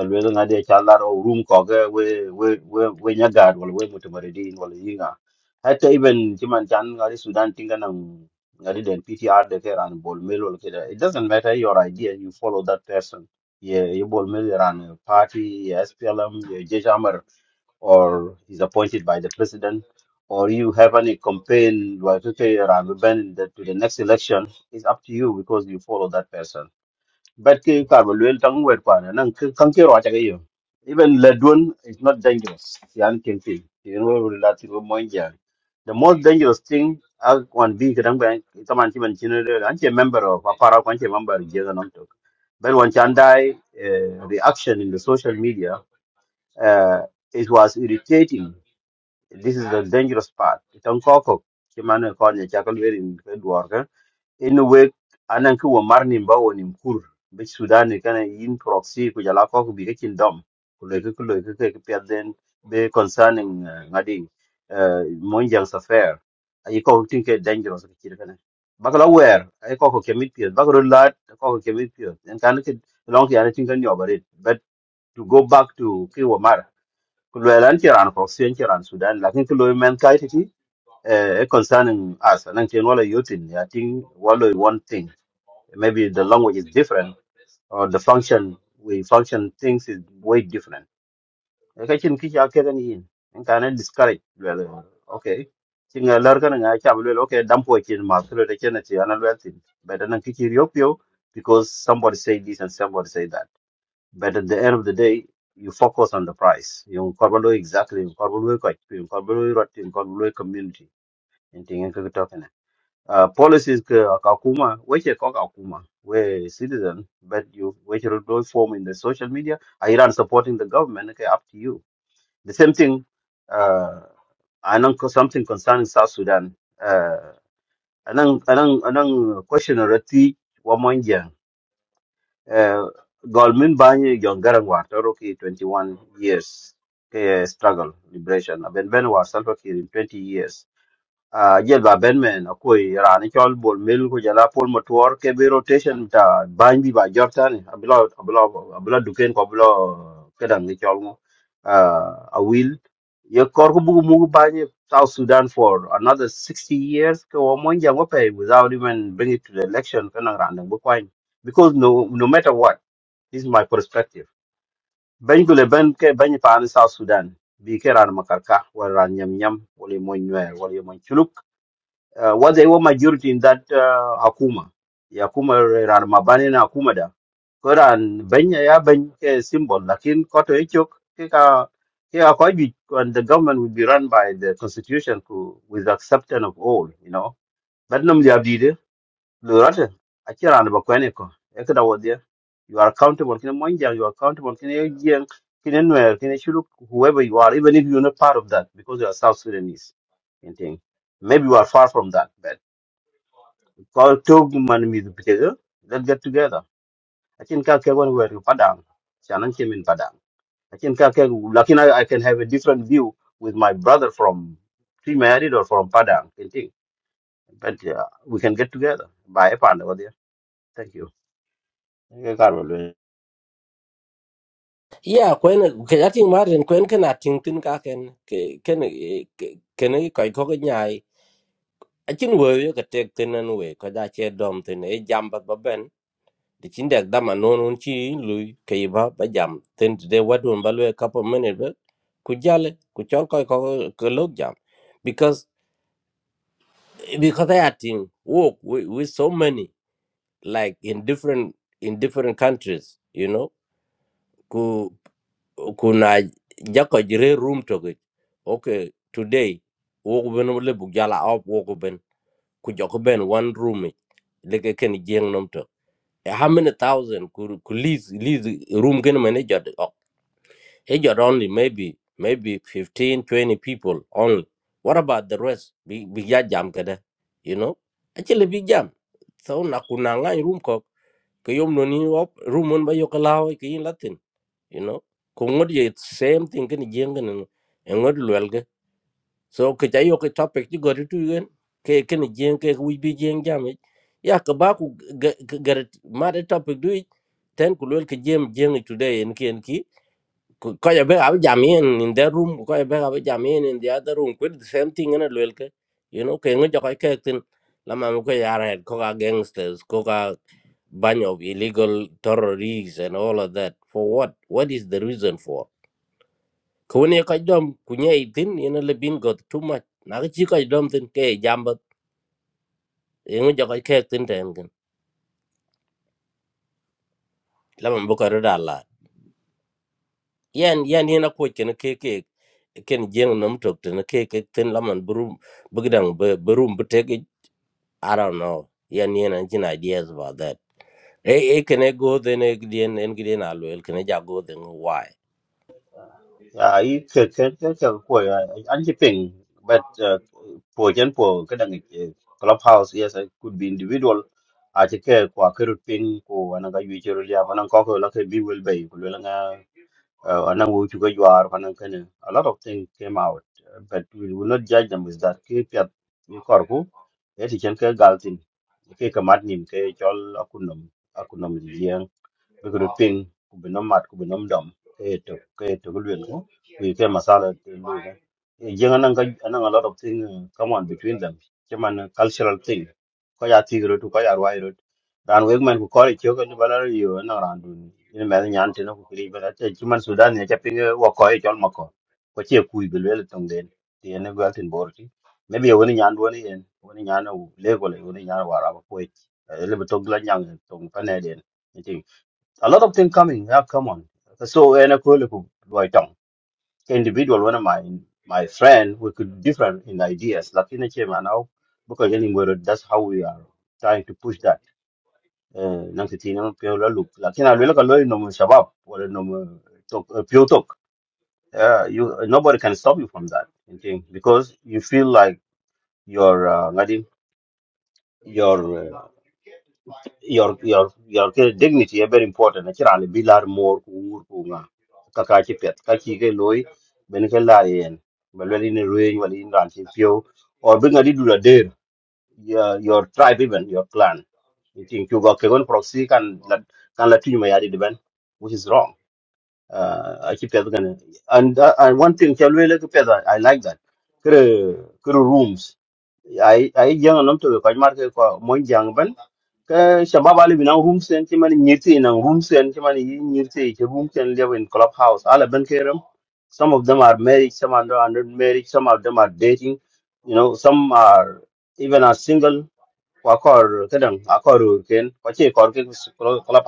Speaker 4: alwela ngade chalar o room koge we we we we nyagad wala we mutamaridin wala yinga hatta even chiman chan ngari sudan tinga nang ngari den ptr de ke ran bol mel wala kida it doesn't matter your idea you follow that person ye ye bol mel ran party ye splm ye jejamer or is appointed by the president or you have any campaign like okay ran ben that to the next election it's up to you because you follow that person but ke kar ba lwel tang wer kwana nan ke- kan ke ro ta ke yo even ledwon is not dangerous yan ken ti you know that you the most dangerous thing as one big kadang ba ita man ti man chin re an member of a apara kan che member je ga nam to but one chan uh, reaction in the social media uh, it was irritating this is the dangerous part it an ko ko ti man ko ne in wek anan ki wo mar nim ba wo nim kur bi sudan ni kana yin proxy ku jala ko ku bi kin dom ku le ku le ke ke pet den be concerning eh, ngadi eh, monjang safer ay ko tin ke dangerous ke kir kana bakala wer ay ko ko kemit pet bakro lat ko ko kemit pet en kan ke long ya tin kan yobare but to go back to ki wo mar ku le lan ti ran proxy en ti ran sudan lakin ku lo men kai ti eh eh, concerning us anan ken wala yotin ya tin wala one thing Maybe the language is different or the function we function things is way different. Ka chin ki cha ke ni yin. In kana discourage well okay. Chin a lar kana nga cha well okay dam po chin ma thro de chen chi ana well tin. Better than ki chi yok because somebody say this and somebody say that. But at the end of the day you focus on the price. You carbon exactly, you carbon ko, you carbon rot, you carbon community. And thing uh, policies ka kakuma weche ko kakuma we citizen but you which will do form in the social media are iran supporting the government okay up to you the same thing uh anang ko- something concerning south sudan uh anang anang anang question or ti wa monjang uh Golmin Banyi Jongarang war Toroki 21 years ke struggle liberation. Ben Ben war Salva Kiir in 20 years uh, jel ba ben men akoi rani chol bol mil ku jala pol motor ke bi rotation ta ban bi ba jortan abla abla abla duken ko abla kedang ni chol mo uh, a will ye kor ku bugu mugu banye south sudan for another 60 years ke wo mon jango pay without even bring it to the election kana randang bu kwain because no no matter what this is my perspective ben gule ben ke ben pa ni south sudan bi ke ran makarka wal ran nyam nyam wal ye mon nyer wal ye mon chuluk uh, what they were majority in that uh, Akuma. Yakuma ran mabani na Akuma da. Koran benya ya ben ke symbol lakin koto ichok kika kika kwaji and the government will be run by the constitution ku, with acceptance of all, you know. But nam dia bide lurate akira and bakwene ko. Ekada wodya. You are accountable kina monja, you are accountable kina yeng kina nwer kina shuluk whoever you are even if you're not part of that because you are South Sudanese. you think. Maybe you are far from that. Kau tog man mi du pitega. Let's get together. I think I can go where Padang. Shannon came in Padang. I think I can. Lakin I, I can have a different view with my brother from pre-married or from Padang. I think. But uh, we can get together. Bye, Pan over there. Thank you. Okay, Carol.
Speaker 2: Yeah, kwen ke ating marin kwen ken ating tin ka ken ke ken eh, ke- ken i koi ko nyai a chin wo yo ke tek tin an we ko da che dom tin e jam ba ba ben de chin dek dama non un chi lui ke i ba ba jam tin de wadun ba lue couple minute ba ku jale ku chol koi ko ke lok jam because because I ating work with, with so many like in different in different countries you know kuna jako jire room toge okay today wogu ben le bu jala op wogu ben ku joko ben one room it leke ken jeng nom to Eh, how many thousand ku ku lease lease room ken mane jot ok he jot only maybe maybe 15 20 people only what about the rest bi bi ya jam kada you know actually bi jam so na kuna ngai room ko ke yom no ni op room on ba yo kalaw ke yin latin you know ko ngod ye same thing ken jeng ken ngod lwel ge so ke jayo ke topic ji gori tu yen ke ken jeng ke wi bi jeng jam yi. ya ka ba ku gar ma de topic du yi, ten ku lwel ke jeng jeng yi today en ken ki ku- ko ya be ab jam yen in the room ko ya be ab jam yen in the other room ku the same thing en lwel ke you know ke ngod ko ke tin la ma ko ya ra ko ga gangsters ko ga bunch of illegal terrorists and all of that for what what is the reason for ko ne ka dom ku nye tin ina le bin got too much na ka chi ka dom tin ke jamba e ngo ja ka ke tin ten gen la man bu ka ro da la yan yan ina ko ken ke ke ken jeng nam tok tin ke ke tin la man bru bu gdang bu rum bu te i don't know yan ina jin ideas about that e e ken e go den e gdien en gdien alu el ken e ja go den why
Speaker 4: Yeah, I can can can can go. I ping. But uh, for example, kadang eh, clubhouse yes, I could be individual aje ke kwa kerut pin ko ananga yuichero liap anang ko ko lake bi wel bei uh, and then we took a UR, and then kind of- a lot of things came out, uh, but we will not judge them with that. Keep your corku, yet you can get galtin. Cake a maddening, cake all akunum, recruiting ku bi nom mat ku bi nom dom ke to, tok ke ye tok luen ku ku ke masala te lu ga ye jeng nan ga nan a lot of thing uh, come on between them che man uh, cultural thing ko ya ti ro tu ko ya rwai ro dan weg man ku ko ri che ko ni bala ri yo na ran du ni me nyan te no ku ri bala te che man sudan ne che ping uh, wo ko ye chol ma ko ko che ku bi le tong den ti ne ga tin bor ti ne bi woni nyan do ni en woni nyan o le ko le woni nyan wa ra ko ye le bi to gla nyang tong pa ne den a lot of things coming. Yeah, come on. So and a cool right tongue, Individual one of my my friend we could different in ideas. Like in a chairman now because any anywhere that's how we are trying to push that. Uh Nankitina Piola look. Like in a look at no shabab or no talk uh, pure talk. Uh, you nobody can stop you from that. you think, Because you feel like your uh, ngadi, your your your ke dignity is very important na kira ni bilar mor ku wur ku nga ka ka ki pet ka ki ke loy ben ke la yen bel wel ni ruin wal in ran ti pio or bin ga di dura der your your tribe even your clan you think you got ke gon proxy kan la kan la tin ma ya di di ben which is wrong uh i keep that going and uh, and one thing tell we look i like that kre kre rooms i i young nam to ko mar ke ko mon jang ke shabab ali bina room sen ci man ñirti na room sen ci man yi ñirti ci room sen live in clubhouse ala ben keram some of them are married some are not married some of them are dating you know some are even are single wa kor kadang a kor ur ken ko che kor ke club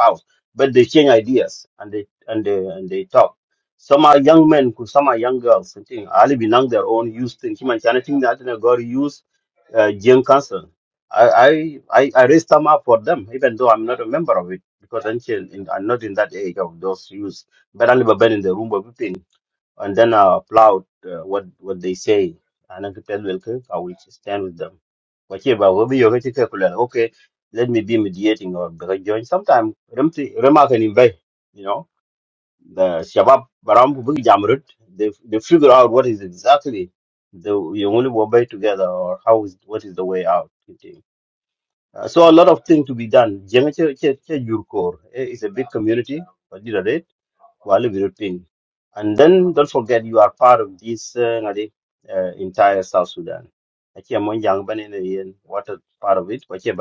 Speaker 4: but they change ideas and they and they and they talk some are young men ku some are young girls and thing ali binang their own use thing human chana thing that na gor use uh, gen council I, I i i raised them up for them even though i'm not a member of it because i'm, still in, I'm not in that age of those use but i've been in the room of thing and then I applaud uh, what what they say. And I can tell well, okay, I will stand with them. But yeah, but we are okay, let me be mediating or because join sometime Remark and invite, you know, the Shabab Baram Big Jamrut, they they figure out what is exactly the you only work by together or how is what is the way out. you think. Uh, so a lot of things to be done. Jenga che- che- che Jurkor, eh, It's a big community while European. And then don't forget you are part of this uh, ngadi, uh, entire South Sudan. Actually, among young men in the end, what a part of it, what you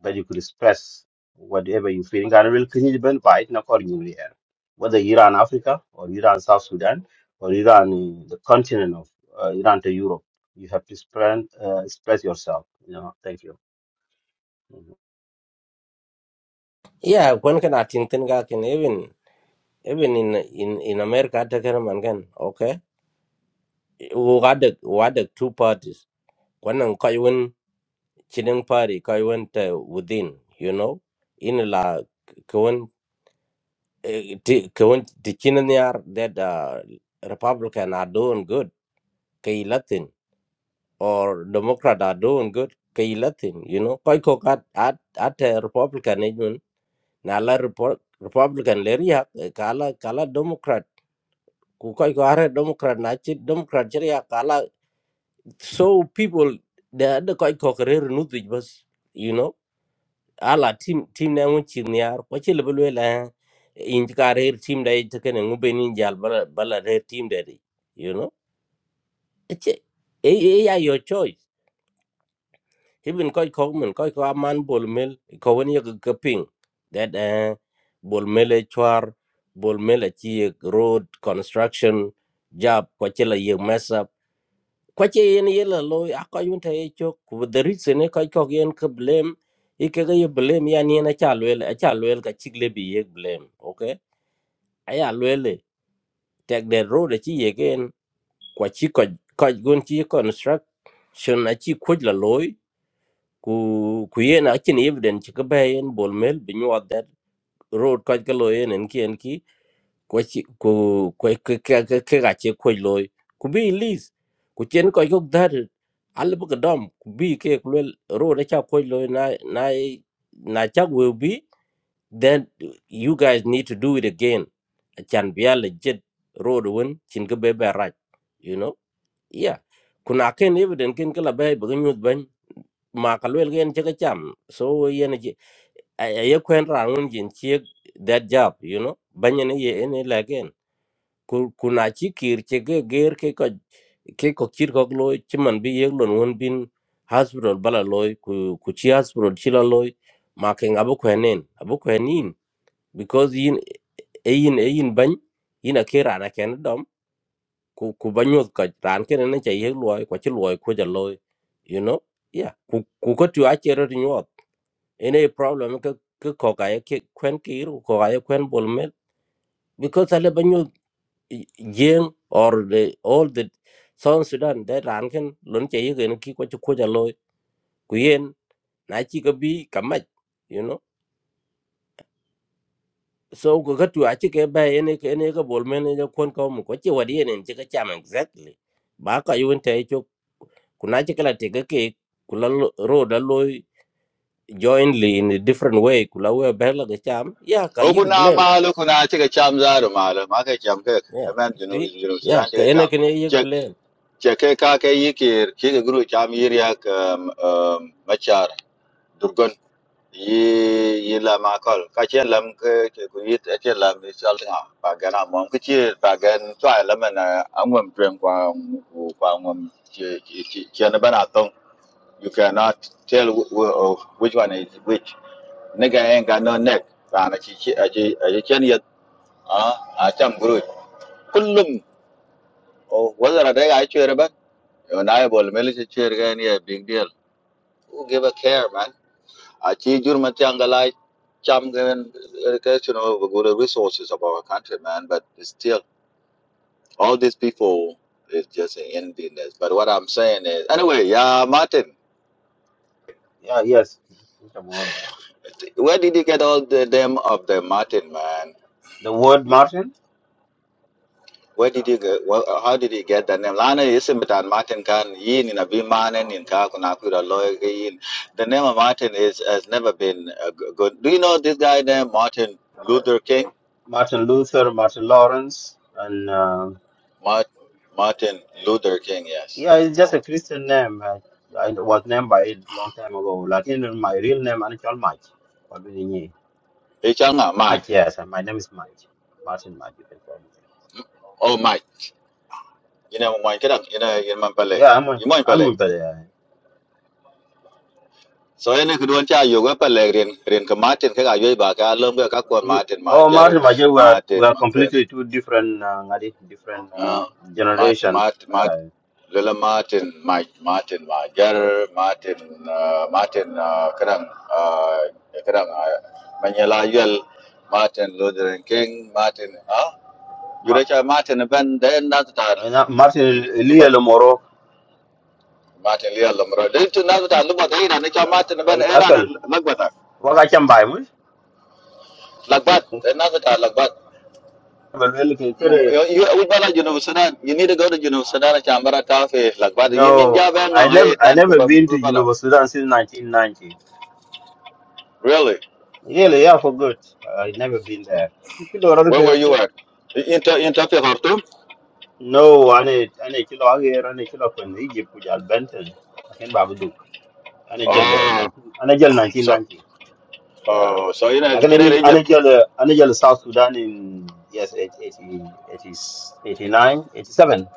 Speaker 4: but you could express whatever you feeling. And will continue to by it, not accordingly here. Whether you're in Africa, or you're in South Sudan, or you're uh, the continent of uh, Iran to Europe, you have to express, uh, express yourself. You know, thank you. Mhm.
Speaker 2: yeah when can i think tin ga ken even even in in in america ta ken man ken okay wo ga de wa two parties kwanan kaiwan chinin pari kaiwan ta within you know in la kawan kawan tikinin yar that uh, republican are doing good kay latin or democrat are doing good kay latin you know koi ko kat at at a republican ejun na la Repo- republican le kala kala democrat ku koi ko are democrat na chi democrat chi kala so people the other koi ko re nu bas you know ala team team na ngun chi niar ko chi level we la in ka re team dai te ken ngu be nin jal bala bala re team dai di, you know it's a e e, ya your choice even ko ko men ko ko man bol mel ko won ye ka ping that eh bol mel e chwar bol mel e chi road construction job ko chi la ye kwa che yen ye la lo a ko yun ta ye chok ku the reason e ko ko yen ka blame i ke ga ye blame ya ni na cha lo a cha lo ka chik le bi ye blame okay a lo le tek the road chi ye gen kwa chi ko ko gun chi construction a chi ko la lo ku ku yen a chin evidence ka ba yen bol mel bi nyuat that road ko ka lo yen en ki ko chi ko ko ke ke ke ke ga che ko loy ku bi lis ku chen ko yok dar al bu ga dom ku bi ke ku lel ro da cha ko na na na cha will be then you guys need to do it again a chan bi al jet ro do won chin ga be be raj you know yeah kuna ken evident ken kala bay bu ga nyut ban ma ka lel gen che ga cham so yen ji ay ay kwen ran won jin che that job you know banyan ye ene la ku kuna chi kir che ge ger ke ko ke ko kir ko lo chi man bi yeg lon won bin hospital bala loy ku ku chi hospital chi la loy ma ke ngabo kwenen abo kwenin because yin e yin e yin ban yin a ke rana ken dom ku ku banyo ka ran ken ne che yeg loy ko chi loy ko ja loy you know yeah ku ku ko tu a che ro nyot ene problem ke ke ko ka ye ke kwen kir ko ka ye kwen bol mel because ale banyo Jiang or the all the South Sudan that ran can lun che yu ki ko chu ko ja loy ku yen na chi ka bi ka mach you know so ko ka tu a chi ke ba ene ke ene ka bol men ja kon ko mu ko chi wa di ene chi ka cham exactly ba ka yu te chu ku na chi ka la te ka ke ku la lo- ro da loy jointly in a different way ku la we ba la ka cham ya ka
Speaker 3: o
Speaker 2: yu
Speaker 3: kuna
Speaker 2: blame
Speaker 3: malu kuna ci ga cham zaru malu ma ka cham ka
Speaker 2: yeah
Speaker 3: amen jinu
Speaker 2: see
Speaker 3: jinu
Speaker 2: yeah
Speaker 3: sudan ci
Speaker 2: ka
Speaker 3: ga
Speaker 2: ene
Speaker 3: cham
Speaker 2: ke ne yu
Speaker 3: ce
Speaker 2: blame
Speaker 3: ce kai ka kai yikir ki ga guru cham yiriya ka machar yi yi lam akol ka che lam ke ke ku yit e che lam ni chal tinga pa gan a mom ke che pa gan twa lam na angwam twen kwa ku kwa ngom che che che na bana tong you cannot tell wh- wh- of which one is which nigga ain't got no neck pa na chi chi a chi a chi chen yet a a cham guru kullum o wala da ga che re ba na ya bol mel che che ga ni a big deal who give a care man Achi jur matiangalai cham given education of good resources of our country, man. But still, all these people is just endiness. But what I'm saying is, anyway, yeah, Martin,
Speaker 4: Yeah, yes.
Speaker 3: where did you get all the them of the Martin, man?
Speaker 4: The word, Martin.
Speaker 3: Where did you get? Well, how did you get the name? Lana isimetan Martin kan yin in a bimanen in kakuna kura loy yin. The name of Martin is has never been uh, g- good. Do you know this guy named Martin Luther King?
Speaker 4: Martin Luther, Martin Lawrence, and uh,
Speaker 3: Mart, Martin Luther King, yes
Speaker 4: yeah, it's just a Christian name. I, I was named by it long time ago. Like in my real name, Anichal Mike. Mike,
Speaker 3: Ichanga man,
Speaker 4: yes, and my name is Mike. Martin Mike, you can call me.
Speaker 3: oh my. Ina mo man kedak, ina ina man pelek.
Speaker 4: Yeah, I'm a,
Speaker 3: Imo
Speaker 4: I'm
Speaker 3: pelek.
Speaker 4: a better.
Speaker 3: So ina kedua cha yo ga pelek rin rin ke Martin ke ayo ba ka lom ga ka kon
Speaker 4: You,
Speaker 3: Martin
Speaker 4: oh,
Speaker 3: majar
Speaker 4: Martin Mike, we are,
Speaker 3: Martin
Speaker 4: we are
Speaker 3: makuen.
Speaker 4: completely two different, uh, ngadi, different uh,
Speaker 3: Ah, Martin
Speaker 4: generation.
Speaker 3: Martin Martin
Speaker 4: Uh,
Speaker 3: Lila Martin Mike Martin majar Martin ah, Martin uh, kadang uh, kadang menyelayan Martin Luther King Martin ah
Speaker 4: Ma,
Speaker 3: jure cha Martin ben den nat ta
Speaker 4: na- Martin Lee Lomoro,
Speaker 3: Martin Lea Lamro. Did you know that Lumba Nature Martin, Ben Era
Speaker 4: Akal,
Speaker 3: and Lagbata?
Speaker 4: Waka Chambai,
Speaker 3: Lagbat, another Lagbat. You, you, we bala You need to go to Juno Sudan Chambara Tafe, Lagbat. Union
Speaker 4: No,
Speaker 3: Java,
Speaker 4: I
Speaker 3: no,
Speaker 4: never
Speaker 3: hey,
Speaker 4: I
Speaker 3: and
Speaker 4: never
Speaker 3: Kuba
Speaker 4: been to
Speaker 3: Prubala.
Speaker 4: University Sudan since 1990.
Speaker 3: Really?
Speaker 4: Really, yeah, for good. I never been there. Kilo rada
Speaker 3: Where were
Speaker 4: ke-
Speaker 3: you
Speaker 4: ke-
Speaker 3: at? in Interfi Hartum?
Speaker 4: No, ane ane kilo ager ane kilo kwen Egypt kujal Benton. Akin babu duk. Ane jal eh,
Speaker 3: Oh,
Speaker 4: 19 ane jal
Speaker 3: so,
Speaker 4: 1990. Yeah.
Speaker 3: oh, so you know,
Speaker 4: Lakin
Speaker 3: get
Speaker 4: ane
Speaker 3: it,
Speaker 4: ane jal eh, ane jal South Sudan in yes eight- 80 80 89 87.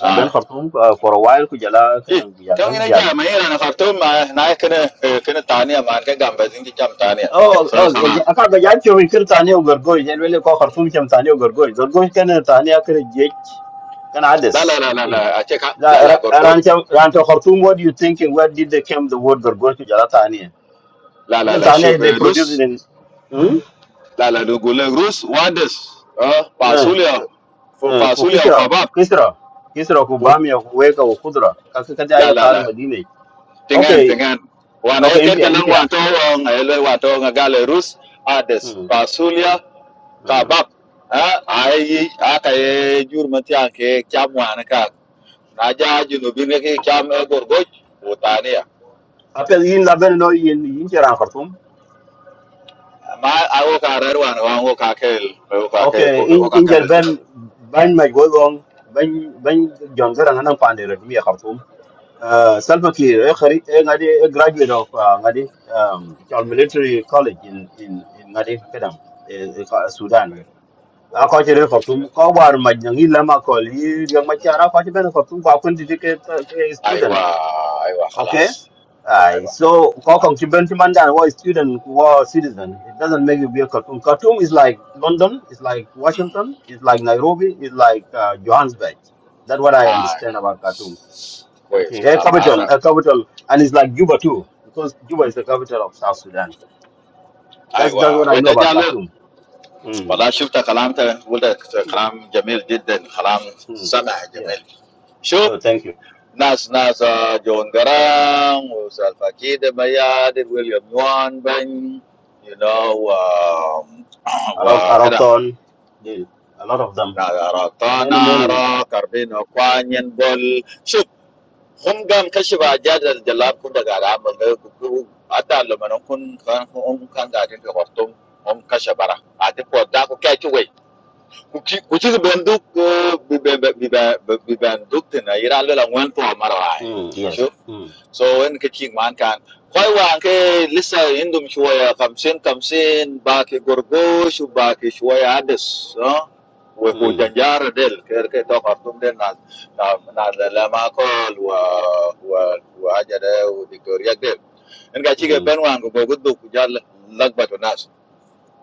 Speaker 4: Ya Ben
Speaker 3: Ah.
Speaker 4: Khartoum uh, for a while kujala
Speaker 3: Eh,
Speaker 4: kadang
Speaker 3: Kau ini
Speaker 4: kujal
Speaker 3: aja, main anak kartun mah naik kena eh, kena tanya, makan gambar sini jam tanya.
Speaker 4: Oh,
Speaker 3: So
Speaker 4: oh,
Speaker 3: kalah.
Speaker 4: aka ga ya fiyo kir tani o gargoy, ya lele ko khartum kem tani o gargoy. Gargoy kana tani akre je kana
Speaker 3: La la
Speaker 4: ades.
Speaker 3: la la la,
Speaker 4: Kiti.
Speaker 3: aceh kak,
Speaker 4: La
Speaker 3: la la gorgo
Speaker 4: ran kem ran to khartum what do you think and where did they come? the word gargoy to jala tani?
Speaker 3: La la
Speaker 4: Even
Speaker 3: la,
Speaker 4: tani
Speaker 3: shope
Speaker 4: they produce it
Speaker 3: Rus.
Speaker 4: in hmm?
Speaker 3: La la, you go le Rus. What des? Ah,
Speaker 4: Eh,
Speaker 3: pasulia, for
Speaker 4: eh, ko
Speaker 3: pasulia
Speaker 4: kisra, ko
Speaker 3: khabab.
Speaker 4: kisra. Kisra ko bami ko weka ko khudra. Ka ka kati
Speaker 3: La
Speaker 4: aiga
Speaker 3: la
Speaker 4: tal
Speaker 3: la,
Speaker 4: madine.
Speaker 3: tengen
Speaker 4: Okay,
Speaker 3: tengen. Wan
Speaker 4: okay,
Speaker 3: ayaket
Speaker 4: impia
Speaker 3: galang
Speaker 4: impia.
Speaker 3: wan tau ang helo watau nggal le Rus. Ades
Speaker 4: Hmm. Hmm.
Speaker 3: pasulia
Speaker 4: Hmm.
Speaker 3: khabab. Ah,
Speaker 4: hmm.
Speaker 3: ayi ay kajur mati ayke kiam wanakak. Naja junubingaki kiam agor goj botania.
Speaker 4: Apel yin la ben no yin yin ran khartum.
Speaker 3: Ma ago karer wan wan wo kakele wo kake
Speaker 4: okay
Speaker 3: wo
Speaker 4: in in jal
Speaker 3: kakele junub.
Speaker 4: ben ban ma go gong ban ban jon garang nan pande red mi khartum uh salva ki e khari e ngadi e graduate of uh, ngadi um chal military college in in in ngadi kadam e e ka- sudan a ko chere khartum ko war maj nang ila ma nyangi lama ko li yang ma chara ko ben khartum ko kun ke ke student
Speaker 3: Aywa aywa
Speaker 4: Okay.
Speaker 3: khalas
Speaker 4: Aye.
Speaker 3: aywa.
Speaker 4: So Kokong Chibenchimanda was student war citizen. It doesn't make you be a Khartoum. Khartoum is like London, it's like Washington, it's like Nairobi, it's like uh, Johannesburg. That's what I
Speaker 3: I
Speaker 4: understand about Khartoum.
Speaker 3: wait.
Speaker 4: Okay. A
Speaker 3: Kalam
Speaker 4: capital,
Speaker 3: asa.
Speaker 4: a capital, and it's like Juba too, because Juba is the capital of South Sudan.
Speaker 3: Ai
Speaker 4: That's that's what
Speaker 3: wa
Speaker 4: I
Speaker 3: wait
Speaker 4: know about
Speaker 3: adialu.
Speaker 4: Khartoum. Mm.
Speaker 3: Bila shub tak kalam teh. Wulat kalam jamil jiden. Kalam
Speaker 4: Mm.
Speaker 3: sana
Speaker 4: Yeah.
Speaker 3: jamil. Shub
Speaker 4: Oh, thank you.
Speaker 3: Nas Nas John Garam, Usal Fakir de Bayad, de William Juan Ben, you know wa
Speaker 4: Arok,
Speaker 3: wa keda.
Speaker 4: Arokton, a lot of them,
Speaker 3: Nara
Speaker 4: many,
Speaker 3: Tana
Speaker 4: many.
Speaker 3: Rara, Carbono Quanyen Bol Shub. Hun gam kashi ba jadar da labku daga al'amur da kuku ata lumanin kun kan hun kan gadin ga wartun hun kashe bara. A duk wadda ku kai ki wai. Ku ci biban duk biban duk tina ira lola wen to mara wa
Speaker 4: Mm. Yes. Mm.
Speaker 3: so in kaching man kan, kau
Speaker 4: Yes.
Speaker 3: iwan kai lister endum shuaya kamsin kamsin, ba kai gorgosu ba kai shuaya ades, huhe puja
Speaker 4: Mm.
Speaker 3: jare del ker kai to kostum den nas na na lelama kol huah huah huah aja de udikoriade, in kacikai penuan kau bohut dukujar lagbatonas.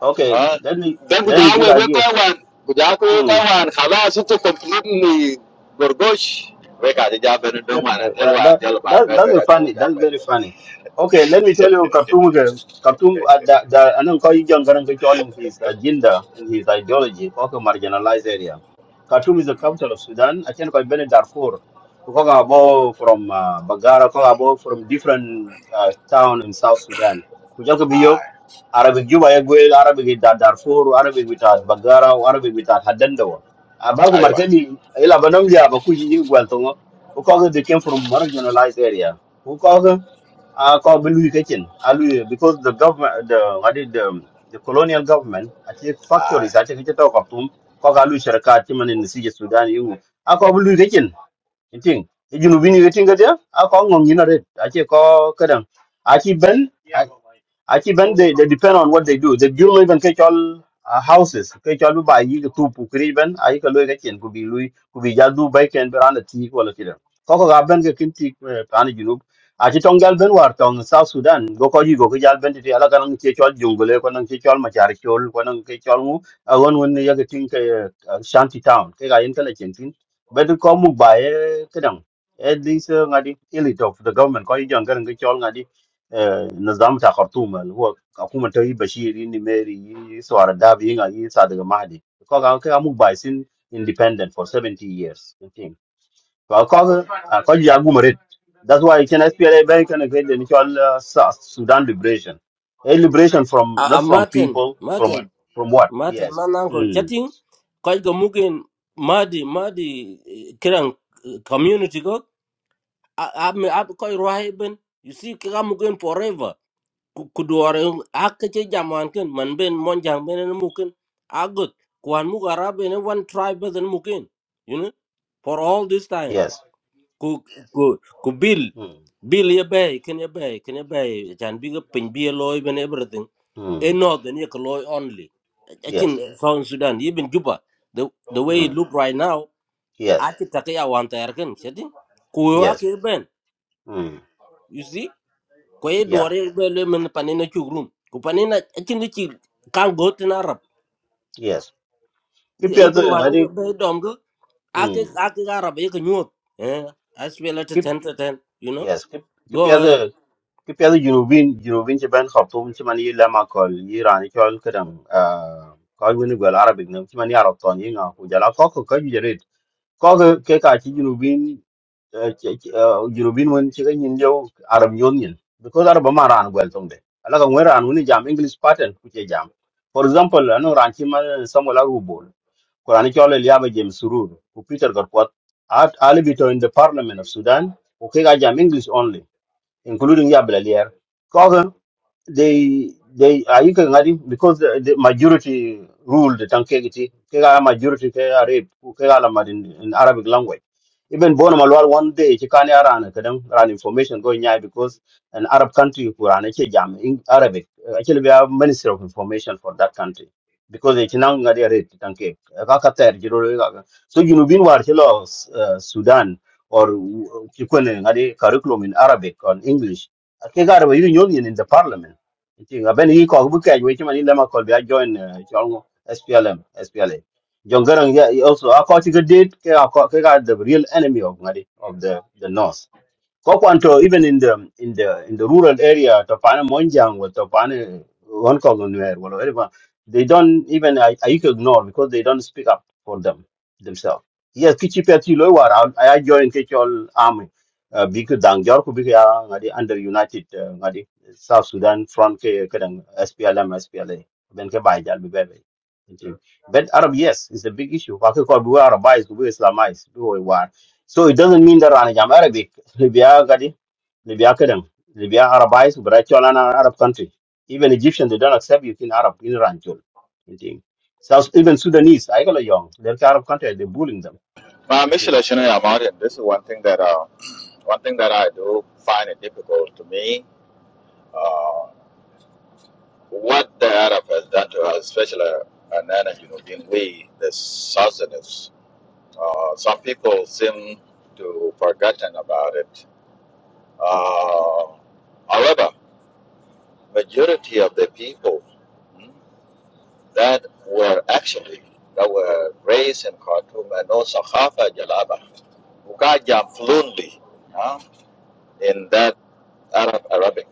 Speaker 4: Okay,
Speaker 3: Ah,
Speaker 4: let me
Speaker 3: dan
Speaker 4: let me give
Speaker 3: kujawa we we
Speaker 4: idea.
Speaker 3: kai wan, kujawa we
Speaker 4: Hmm.
Speaker 3: kai wan, khala su tu complete ni gorgosh. We ka ja ben don wan, tel
Speaker 4: Yeah,
Speaker 3: wan
Speaker 4: that,
Speaker 3: tel ba
Speaker 4: that
Speaker 3: ben
Speaker 4: that's
Speaker 3: we
Speaker 4: a
Speaker 3: ka ja we
Speaker 4: funny.
Speaker 3: ja
Speaker 4: That's
Speaker 3: ben.
Speaker 4: very funny. Okay, let me tell you, Katunga. Katung, uh, the, the, I know how you can in his agenda and his ideology, Koka marginalized area. Khartoum is the capital of Sudan. I can call Benin Darfur. Koka abo from uh, Bagara, Koka abo from different uh, town in South Sudan. Kujaka biyok, Arabic Juba Egwel, Arabic with da Darfur, Arabic with uh, Bagara, Arabic with uh, Hadendawa. Abaku
Speaker 3: Aywa.
Speaker 4: markeni, ila banamja, abaku because they came from marginalized area. Because uh, called Belu Kitchen, Alu, because the government, the what did the, the colonial government, I think factories, I think it's talk of them, Kogalu Sharaka, Timan in the Sea Sudan, you, I call Belu Kitchen, you think, you know, when you think there, I call them, you I I call Kadam, I keep Ben. Actually, when they, they depend on what they do. They build even catch all uh, houses. Catch all by you two pukri ben. I can look at you could be Louis could be Yadu by can be on the tea quality. Coco Gaben can take Pani Junub. Achi Tongal Ben war tong South Sudan. Go call you go Jal Ben to the Alakan catch all jungle, one and catch all Macharikol, one and catch all uh, one when you get think uh, uh, shanty town. Take I intelligent thing. But to come by Kedang. At least, uh, ngadi elite of the government. Call you Jangan catch all ngadi آه، النظام بتاع خرطوم اللي هو حكومة توي بشير يني ميري يي سوار الداب ينغا يي صادق مهدي كوكا كوكا موك بايسين independent for 70 years I think كوكا كوكا يا غومريت that's why can SPLA bank and great the actual uh, Su- Sudan liberation a liberation from
Speaker 2: a a
Speaker 4: not from
Speaker 2: Martin
Speaker 4: people
Speaker 2: Martin
Speaker 4: from from what
Speaker 2: Mate
Speaker 4: yes
Speaker 2: man uncle
Speaker 4: mm.
Speaker 2: chatting kai ga mugin madi madi eh, kirang eh, community go ab ab kai rohaiben you see ka mugin forever Ku- kuduwar in- haka ce jaman kin man ben mon ben na mukin agut kwan muga ben one tribe ben mukin you know for all this time
Speaker 4: yes
Speaker 2: ku ku ku bill
Speaker 4: mm.
Speaker 2: bill ye bay ken ye bay ken ye bay chan bi ga pin bi loy ben everything a
Speaker 4: Mm.
Speaker 2: northern Ekoloi only. I think
Speaker 4: yes
Speaker 2: South Sudan, even Juba, the the way it
Speaker 4: mm.
Speaker 2: look right now,
Speaker 4: yes
Speaker 2: ake take ya wanta yarkin, shadi. Kuyo
Speaker 4: yes
Speaker 2: ake ben,
Speaker 4: mm.
Speaker 2: you see? Kwaye
Speaker 4: yeah
Speaker 2: duware bele men panina chugrum. Ku panina, I think ichi kan go to Arab.
Speaker 4: yes keep
Speaker 2: Yeah,
Speaker 4: your
Speaker 2: Even one
Speaker 4: I think
Speaker 2: of be domgo, ake
Speaker 4: mm.
Speaker 2: ake Arab eke nyuot. Eh, I swear let it ten to ten, you know?
Speaker 4: yes ki ki
Speaker 2: Go ahead.
Speaker 4: piada ki piada jurubin jurubin ci ben khartoum ci man yi lema kol yi rani kol kadam ah ko woni gol arabic nam ci man yaro ton yi nga ku jala ko ko ko jere ko ko ke ka ci jurubin jurubin won ci ñin yow arab ñon ñin because arab ma ran gol ton de ala ko ran woni jam english pattern ku ci jam for example ano ran ci man samola rubol ko rani kol el yaba james surur ku peter gorkot at alibi to in the parliament of sudan Okay, I jam English only including ya belalier ko they they are you can add because the, the majority ruled the tankegiti kega majority kega arab kega lamad in, in arabic language even born malwal one day chikani arana kadam ran information going nyai because an arab country kurana che jam in arabic Uh, actually we have minister of information for that country because they chinang ngadi arab tanke kaka ter jiro ga so you know bin war chilo uh, sudan or chikone ngadi curriculum in arabic or english kega arab union in the parliament Ting aben yi ko bu kaj we chimani lema ko bi a join eh, chong SPLM SPLA. John Garang yeah, also a ko ti did ke a ko ke ka the real enemy of ngadi of the the north. Kokwanto, even in the in the in the rural area, Topana Monjang or Topana Onkogunwer, well, whatever, they don't even I, I could ignore because they don't speak up for them themselves. Yes, Kichi Peti Loiwar, I I joined Kichol Army. Uh, Biku Dang Jorku Biku ngadi under United uh, ngadi South Sudan front ke kadang SPLM SPLA ben ke bai jal bi bebe. Inti. But Arab yes is a big issue. Pakistan Arabized, we Islamized, we war. So it doesn't mean that I'm Arabic. Libya Gadi, Libya Kedem, Libya Arabized, but I tell an Arab country. Even Egyptians, they don't accept you in Arab, in Ranchol. You think. South, even Sudanese, I got a young, they're Arab country, they're bullying them.
Speaker 3: Ma
Speaker 4: You
Speaker 3: Michelle
Speaker 4: think.
Speaker 3: Shana Yamarian, this is one thing that uh, one thing that I do find it difficult to me. Uh, what the Arab has done to us, especially and then you know being we the Southerners. Uh, some people seem to forgotten about it. Uh, however, majority of the people mm, that were actually that were raised in Khartoum and also Khafa Jalaba, who got jam fluently uh, in that Arab Arabic,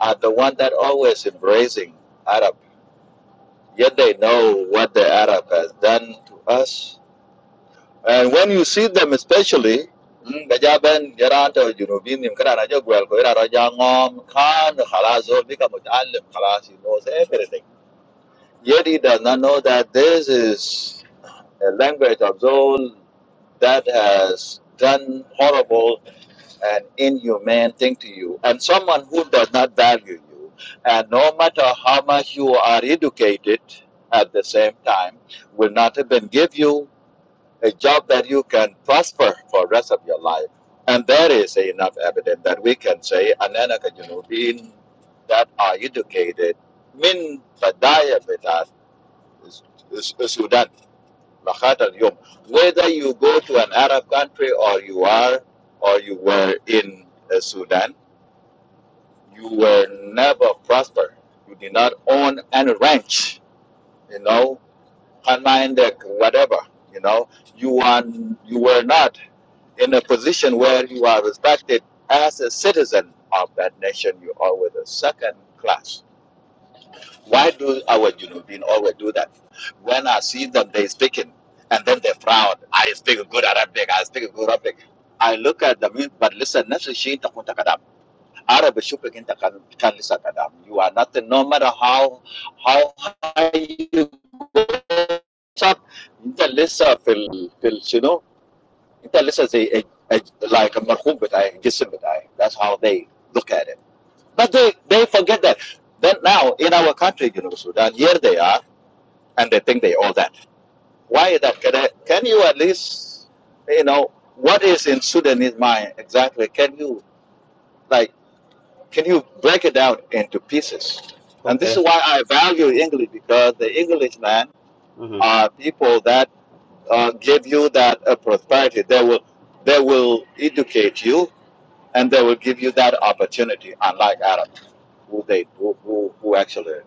Speaker 3: are the one that always embracing Arab. Yet they know what the Arab has done to us And when you see them especially, mm, Gajaben, Gerato, Jurubinim, Karanaja, Guelguera, Jangom, Khan, Halazo, become Alim, Halas, he knows everything. Yet he does not know that this is a language of Zol that has done horrible and inhumane thing to you, and someone who does not value you. And no matter how much you are educated at the same time, will not even give you a job that you can prosper for the rest of your life. And there is enough evidence that we can say Ananaka Junubin that are educated min Fadaya with us Sudan, Mahat al Yom. Whether you go to an Arab country or you are or you were in uh, Sudan, you were never prosper. You did not own any ranch, you know, online deck, whatever, you know, you are you were not in a position where you are respected as a citizen of that nation. You are with a second class. Why do our Junubin always do that? When I see them, they speaking, and then they frown. I speak good Arabic. I speak good Arabic. I look at them, but listen, أنا بشوفك أنت كان كان لسه كلام you are not no matter how how high you go up أنت لسه في ال في ال شنو أنت لسه a a- a- like المرحوم بتاعي الجسم بتاعي that's how they look at it but they they forget that then now in our country you know Sudan here they are and they think they all that why is that can, I, can you at least you know what is in Sudanese mind exactly can you like can you break it down into pieces? And this
Speaker 4: Okay.
Speaker 3: is why I value English because the Englishman
Speaker 4: hmm
Speaker 3: are people that uh, give you that uh, prosperity. They will, they will educate you, and they will give you that opportunity. Unlike Arab, who they who, who, who actually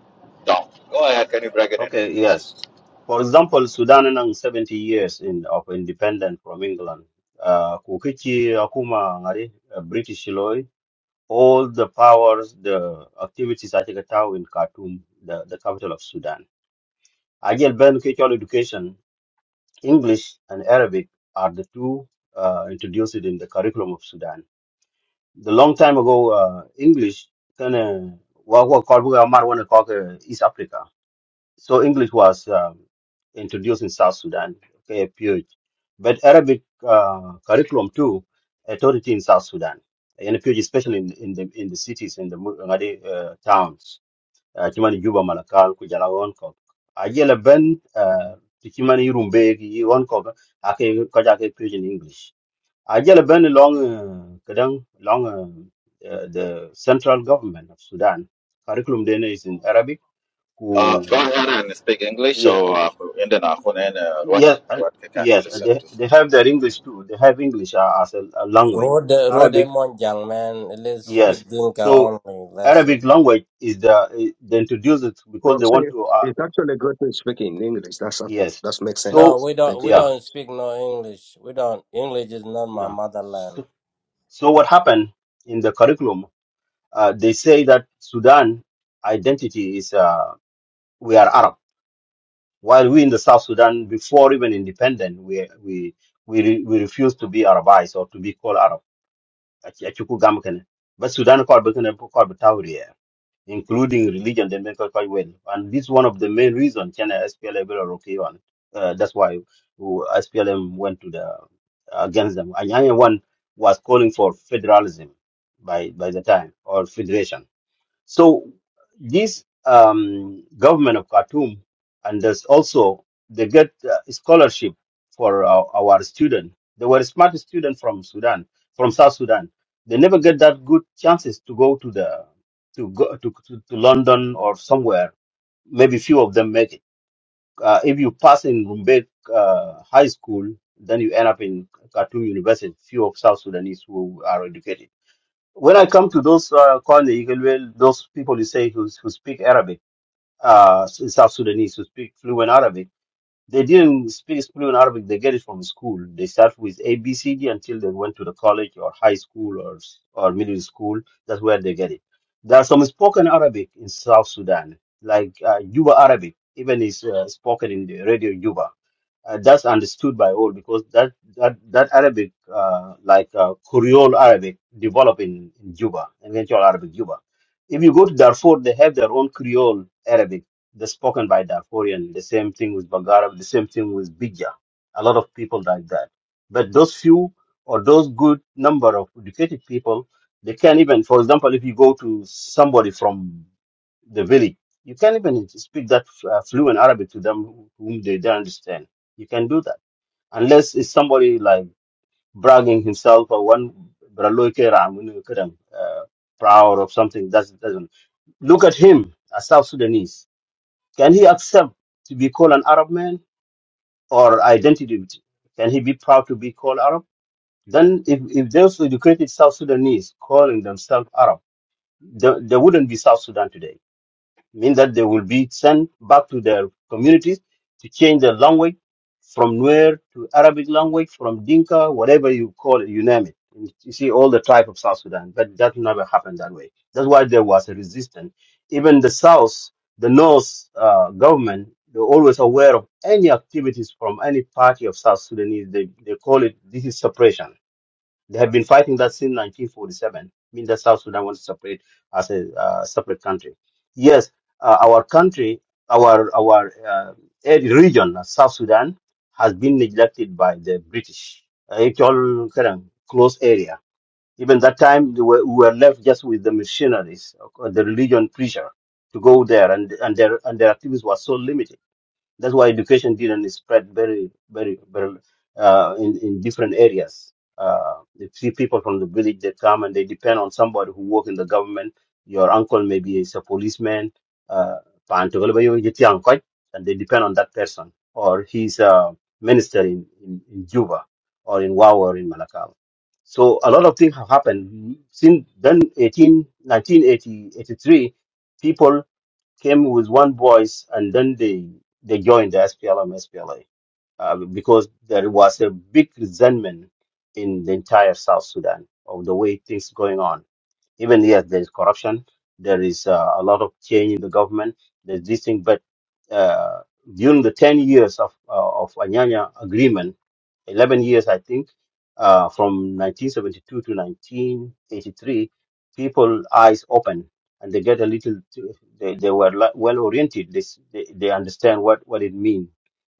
Speaker 3: don't. Go ahead. Can you break it into
Speaker 4: Okay, yes.
Speaker 3: pieces?
Speaker 4: For example, Sudan and 70 years in, of independence from England. Uh, Kukichi, Akuma, Ngari, uh, British Loy, all the powers, the activities I take a town in Khartoum, the, the capital of Sudan. I get Ben Kichol education English and Arabic are the two uh, introduced in the curriculum of Sudan. The long time ago, uh, English kind of what what called we are one called uh, East Africa. So English was um, introduced in South Sudan, okay, period. But Arabic uh, curriculum too, authority in South Sudan, and especially in, in the in the cities in the mu- uh, towns cuman juba malakal ku jala won ko ajele ben ah, ti cuman irumbe ki won ko ake ko jake pidgin english ajele ben long ah, kadang long ah, eh, the central government of sudan curriculum dene is in arabic
Speaker 3: Uh,
Speaker 4: ku
Speaker 3: go ahead
Speaker 4: ku
Speaker 3: and speak English
Speaker 4: yeah,
Speaker 3: so uh, Indian uh, what
Speaker 4: yeah, and-
Speaker 3: what they can
Speaker 4: yes and
Speaker 3: listen
Speaker 4: they,
Speaker 3: to.
Speaker 4: they have their english too they have english ah, as a, a language
Speaker 2: Road,
Speaker 4: but
Speaker 2: road,
Speaker 4: arabic
Speaker 2: Monjang, man. Let's
Speaker 4: yes
Speaker 2: speak Dinka
Speaker 4: so
Speaker 2: only. That's it.
Speaker 4: arabic language is the eh, they introduce it because
Speaker 5: From
Speaker 4: they
Speaker 5: say,
Speaker 4: want to ah,
Speaker 5: it's actually good to speak in English. That's
Speaker 4: Yes.
Speaker 5: that makes sense.
Speaker 4: So,
Speaker 2: No, we don't.
Speaker 5: Thank you.
Speaker 2: We
Speaker 4: yeah,
Speaker 2: don't speak no English. We don't. English is not my
Speaker 4: yeah.
Speaker 2: motherland.
Speaker 4: So, so what happened in the curriculum? Uh, they say that Sudan identity is uh, we are Arab, while we in the South Sudan, before even independent, we we we, re, we refuse to be Arabized or to be called Arab. Achi- achi ku gam kene. But Sudan called including religion, they make us quite well. And this is one of the main reasons China SPLM are okay on. Uh, that's why who- SPLM went to the against them. And Anyone was calling for federalism by by the time or federation so this um, government of Khartoum, and there's also they get uh, scholarship for our, our student. They were smart student from Sudan, from South Sudan. They never get that good chances to go to the to go to, to, to London or somewhere. Maybe few of them make it. Uh, if you pass in Rumbek uh, High School, then you end up in Khartoum University. Few of South Sudanese who are educated when I come to those uh, corner, you well, those people you say who, who speak Arabic, uh, in South Sudanese who speak fluent Arabic, they didn't speak fluent Arabic. They get it from school. They start with A, B, C, D until they went to the college or high school or or middle school. That's where they get it. There are some spoken Arabic in South Sudan, like uh, Yuba Arabic, even is uh, spoken in the radio Yuba uh, that's understood by all because that that that Arabic, uh, like uh, Creole Arabic, developed in, in Juba, eventual Arabic Juba. If you go to Darfur, they have their own Creole Arabic, that's spoken by Darfurian. The same thing with Bagara, the same thing with Bija. A lot of people like that. But those few or those good number of educated people, they can't even. For example, if you go to somebody from the village. You can even speak that uh, fluent Arabic to them whom they don't understand. You can do that unless it's somebody like bragging himself or one Baraloy Keram, you know, kind of, uh, proud of something. That doesn't look at him as South Sudanese. Can he accept to be called an Arab man or identity? Can he be proud to be called Arab? Then, if, if those educated South Sudanese calling themselves Arab, there, there wouldn't be South Sudan today mean that they will be sent back to their communities to change their language from Nuer to Arabic language, from Dinka, whatever you call it, you name it. And You see all the tribe of South Sudan, but that never happened that way. That's why there was a resistance. Even the South, the North uh, government, they're always aware of any activities from any party of South Sudanese. They, they call it, this is suppression they have been fighting that since 1947. I mean, that South Sudan wants to separate as a uh, separate country. Yes, uh, our country, our our uh, area- region, uh, South Sudan, has been neglected by the British. Uh, It's all kind of close area. Even that time, they were, we were left just with the missionaries, uh, the religion preacher, to go there, and and their and their activities were so limited that's why education didn't spread very, very, very uh, in in different areas. Uh, the few people from the village they come and they depend on somebody who work in the government. Your uncle maybe is a policeman, uh, and they depend on that person, or he's a minister in, in, in Juba, or in Wau, or in Malakal. So a lot of things have happened since then. Eighteen, nineteen, eighty, eighty-three people came with one voice and then they they joined the SPLM SPLA uh, because there was a big resentment in the entire South Sudan of the way things going on. Even yes, there is corruption, there is uh, a lot of change in the government, there's this thing, but uh, during the ten years of uh, of Anyanya agreement 11 years, I think, uh, from 1972 to 1983, people eyes open and they get a little, they, they were li- well oriented. They, s- they, they understand what, what it means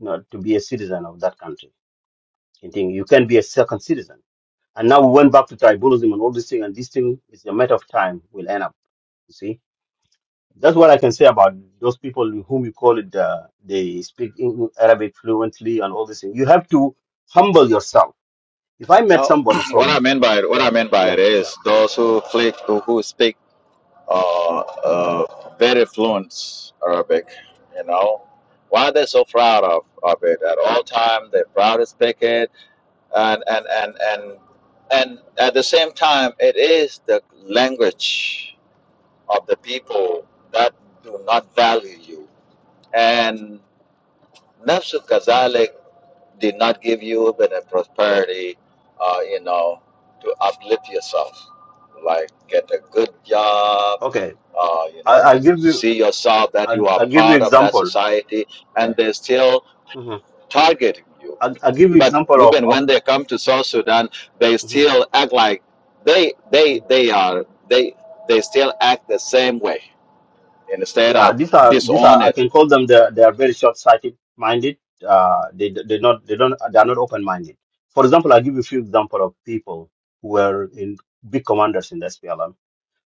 Speaker 4: you know, to be a citizen of that country. You think you can be a second citizen. And now we went back to tribalism and all this thing, and this thing is a matter of time will end up. You see, that's what I can say about those people whom you call it. Uh, they speak Eng- Arabic fluently and all this thing. You have to humble yourself if I met
Speaker 3: Now,
Speaker 4: somebody
Speaker 3: what I
Speaker 4: from,
Speaker 3: mean by what I
Speaker 4: yeah,
Speaker 3: mean by
Speaker 4: yeah,
Speaker 3: it
Speaker 4: yeah.
Speaker 3: is those who click who, who speak uh, uh, very fluent Arabic. You know, why they're so proud of, of it at all time. They're proud to speak it, and and and and and at the same time, it is the language of the people that do not value you. And Nafsul Kazalik did not give you even a prosperity, uh, you know, to uplift yourself, like get a good job
Speaker 4: Okay,
Speaker 3: uh, you
Speaker 4: I,
Speaker 3: know,
Speaker 4: I
Speaker 3: you
Speaker 4: give you,
Speaker 3: see yourself that
Speaker 4: I,
Speaker 3: you are
Speaker 4: I give you
Speaker 3: part of that
Speaker 4: example.
Speaker 3: society
Speaker 4: Yeah,
Speaker 3: and they're still
Speaker 4: hmm
Speaker 3: targeting you.
Speaker 4: I, I give you
Speaker 3: But
Speaker 4: example of,
Speaker 3: women,
Speaker 4: of
Speaker 3: when they come to South Sudan, they
Speaker 4: mhm.
Speaker 3: still act like they, they, they are, they, they still act the same way instead
Speaker 4: yeah.
Speaker 3: of
Speaker 4: These are these are
Speaker 3: disown
Speaker 4: I
Speaker 3: it.
Speaker 4: can call them. They are- they are very short sighted minded. Uh, they they not they don't they are not open minded. For example, I will give you a few example of people who were in big commanders in the SPLM.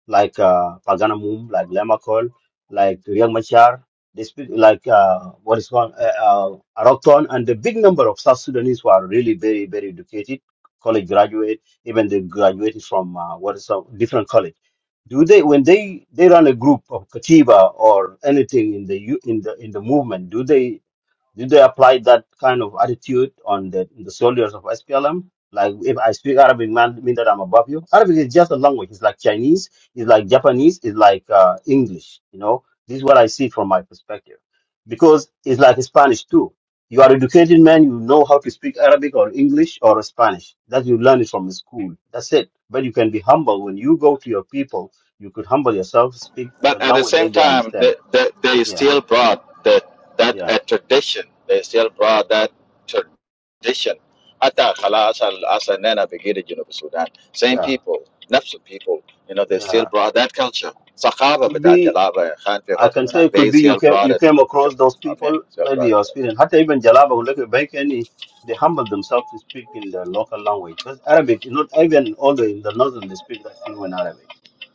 Speaker 4: like uh, Paganamum, like Lemakol, like Riek Machar, they speak like uh, what is called uh, uh, Arokton, and the big number of South Sudanese who are really very, very educated, college graduate, even they graduated from uh, what is some different college. Do they when they they run a group of Katiba or anything in the u- in the in the movement? Do they did they apply that kind of attitude on the, the soldiers of SPLM? Like, if I speak Arabic, man, mean that I'm above you. Arabic is just a language. It's like Chinese. It's like Japanese. It's like uh, English. You know, this is what I see from my perspective, because it's like Spanish too. You are educated man. You know how to speak Arabic or English or Spanish. That you learn it from the school. That's it. But you can be humble when you go to your people. You could humble yourself, speak
Speaker 3: But
Speaker 4: the
Speaker 3: at the
Speaker 4: language
Speaker 3: same
Speaker 4: that they
Speaker 3: time,
Speaker 4: understand.
Speaker 3: they, they, they
Speaker 4: Yeah,
Speaker 3: still brought that that
Speaker 4: yeah,
Speaker 3: a tradition. They still brought that tradition. Hatta khalas al aslan nana begida Junub Sudan. Same
Speaker 4: yeah,
Speaker 3: people, nafs of people. You know, they still
Speaker 4: yeah
Speaker 3: brought that culture. Sakaba
Speaker 4: could
Speaker 3: bata
Speaker 4: be
Speaker 3: jalaba khan fi
Speaker 4: I can
Speaker 3: Khartoum,
Speaker 4: say it could
Speaker 3: They
Speaker 4: be you
Speaker 3: still
Speaker 4: came
Speaker 3: brought
Speaker 4: you
Speaker 3: it.
Speaker 4: came
Speaker 3: To,
Speaker 4: across those
Speaker 3: I mean,
Speaker 4: people,
Speaker 3: still
Speaker 4: maybe
Speaker 3: brought it
Speaker 4: your
Speaker 3: to us.
Speaker 4: experience. Hatta even Jalaba or Lekki Baikani, they humble themselves to speak in their local language. But Arabic, not even all the in the northern they speak that fluent Arabic.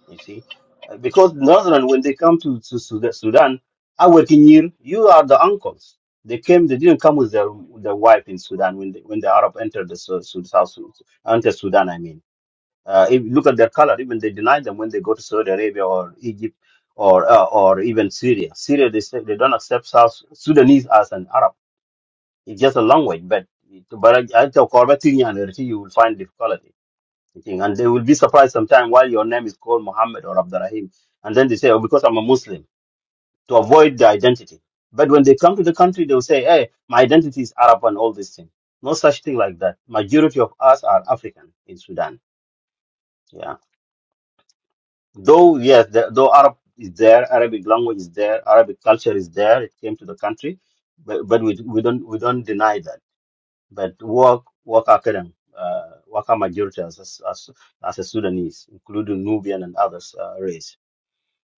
Speaker 4: You see, Uh, because northern when they come to to Sudan, Sudan our Kinyir, you are the uncles. They came, they didn't come with their their wife in Sudan when they, when the Arab entered the Su- Su- South Sudan, entered Sudan. I mean. Uh, if you look at their color, even they deny them when they go to Saudi Arabia or Egypt or uh, or even Syria. Syria, they say they don't accept South Sudanese as an Arab. It's just a language, but but I I tell Korba Syrian, you will find difficulty. I think. And they will be surprised sometime while your name is called Muhammad or Abdurrahim. And then they say, oh, because I'm a Muslim, to avoid the identity. But when they come to the country, they'll say, hey, my identity is Arab and all these things. No such thing like that. Majority of us are African in Sudan. Yeah. Though, yes, the, though Arab is there, Arabic language is there, Arabic culture is there, it came to the country, but, but we, we don't we don't deny that. But work work academic, uh, work our majority as, as, as as a Sudanese, including Nubian and others uh, race.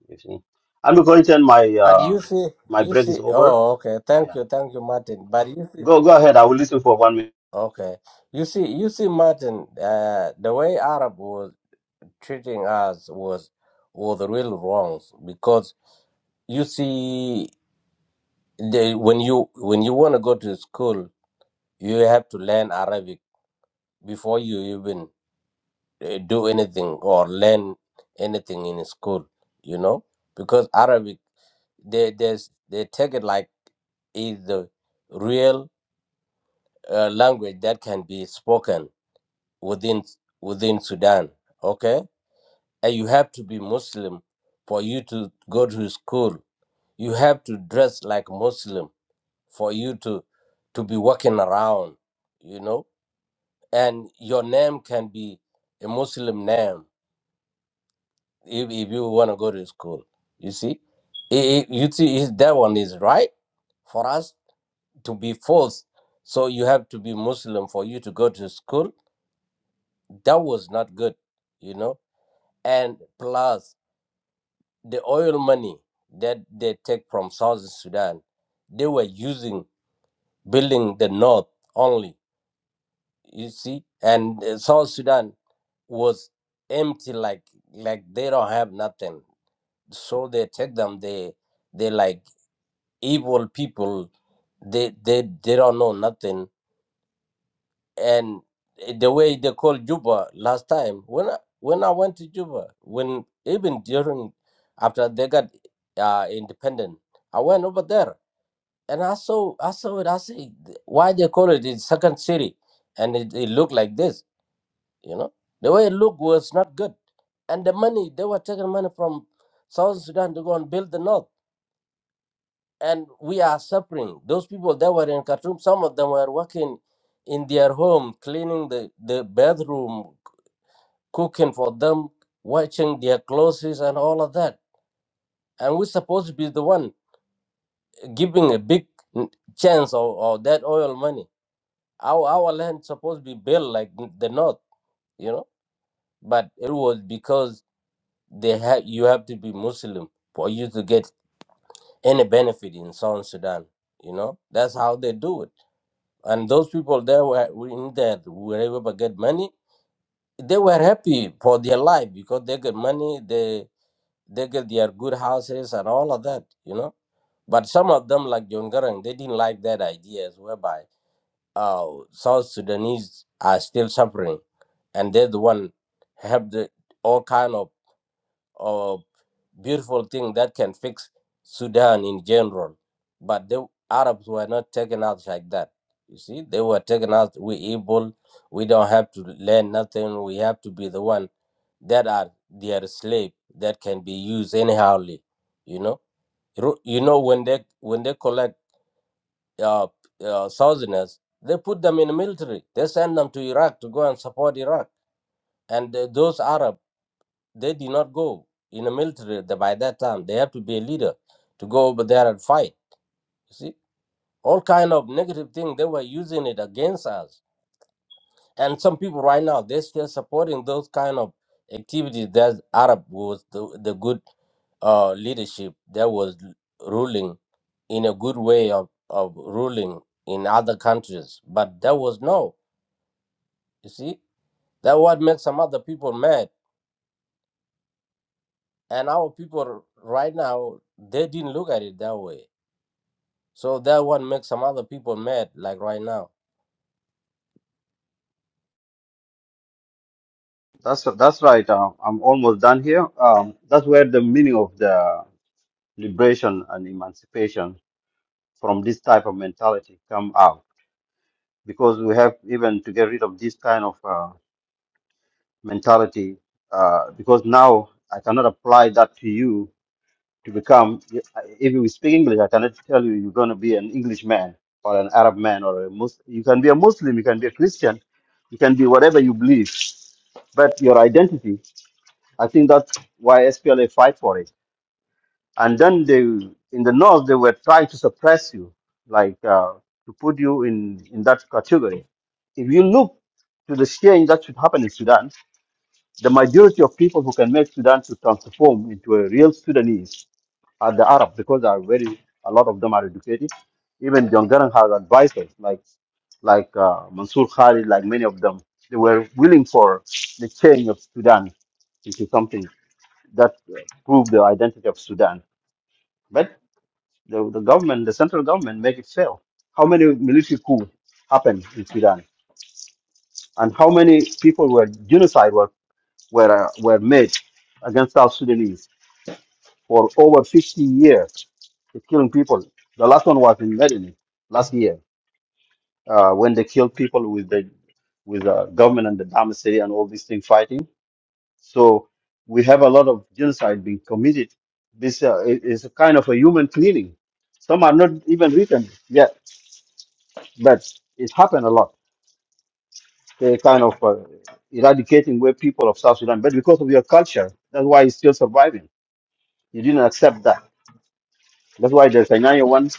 Speaker 4: You see. I'm going to end my
Speaker 2: But
Speaker 4: uh,
Speaker 2: you see,
Speaker 4: my
Speaker 2: you
Speaker 4: break is
Speaker 2: see.
Speaker 4: over.
Speaker 2: Oh, okay. Thank
Speaker 4: Yeah,
Speaker 2: you, thank you, Martin. But you see,
Speaker 4: go go ahead. I will listen for one minute.
Speaker 2: okay. You see, you see, Martin. Uh, the way Arab was treating us was was real wrong because you see, they, when you when you want to go to school, you have to learn Arabic before you even uh, do anything or learn anything in school. You know because Arabic. They there's they take it like is the real uh, language that can be spoken within within Sudan. Okay, and you have to be Muslim for you to go to school. You have to dress like Muslim for you to to be walking around. You know, and your name can be a Muslim name if, if you want to go to school. You see, I- I- you see, is that one is right for us to be forced so you have to be muslim for you to go to school that was not good you know and plus the oil money that they take from South sudan they were using building the north only you see and uh, south sudan was empty like like they don't have nothing so they take them they they like evil people they they they don't know nothing and the way they called Juba last time when I, when I went to Juba when even during after they got uh, independent I went over there and I saw I saw it I see why they call it the second city and it, it looked like this you know the way it looked was not good and the money they were taking money from South Sudan to go and build the north and we are suffering. Those people that were in Khartoum, some of them were working in their home, cleaning the, the bathroom, cooking for them, watching their clothes and all of that. And we're supposed to be the one giving a big n- chance of, of that oil money. Our, our land supposed to be built like the North, you know? But it was because they ha- you have to be Muslim for you to get any benefit in South Sudan, you know? That's how they do it And those people there were in there, wherever they get money, they were happy for their life because they get money, they they get their good houses and all of that, you know. But some of them, like John Garang, they didn't like that ideas whereby uh, South Sudanese are still suffering, and they're the one have the all kind of of beautiful thing that can fix Sudan in general. But the Arabs were not taken out like that. You see, they were taken out. We evil. We don't have to learn nothing. We have to be the one that are their slave that can be used anyhowly. You know, Ru- you know when they when they collect uh, uh, southerners, they put them in the military. They send them to Iraq to go and support Iraq. And uh, those Arabs they did not go in the military the- by that time. They have to be a leader to go over there and fight. You see, all kind of negative thing they were using it against us. And some people right now they're still supporting those kind of activities. That Arab was the, the good uh, leadership that was ruling in a good way of, of ruling in other countries. But there was no. You see, that what makes some other people mad. And our people right now they didn't look at it that way So that one makes some other people mad, like right now.
Speaker 4: That's that's right. Uh, I'm almost done here. Um, that's where the meaning of the liberation and emancipation from this type of mentality come out because we have even to get rid of this kind of uh, mentality uh, because now I cannot apply that to you to become if you speak English I cannot tell you you're going to be an Englishman or an Arab man or a Muslim you can be a Muslim you can be a Christian you can be whatever you believe but your identity I think that's why SPLA fight for it and then they in the north they were trying to suppress you like uh, to put you in in that category if you look to the change that should happen in sudan the majority of people who can make sudan to transform into a real sudanese are the Arabs because they are very a lot of them are educated even john Garang has advisors like like uh, mansour khalid like many of them they were willing for the change of sudan into something that uh, proved the identity of sudan the, the government, the central government, make it fail. How many military coup happened in Sudan, and how many people were genocide were were uh, were made against South Sudanese for over 50 years, they killing people. The last one was in Medellin last year uh, when they killed people with the with the government and the Dam City and all these things fighting. So we have a lot of genocide being committed. This uh, i- is a kind of a human cleaning. Some are not even written yet But it happened a lot. They kind of uh, eradicating where people of South Sudan, but because of your culture, that's why it's still surviving. You didn't accept that. That's why there's a Anyanya one,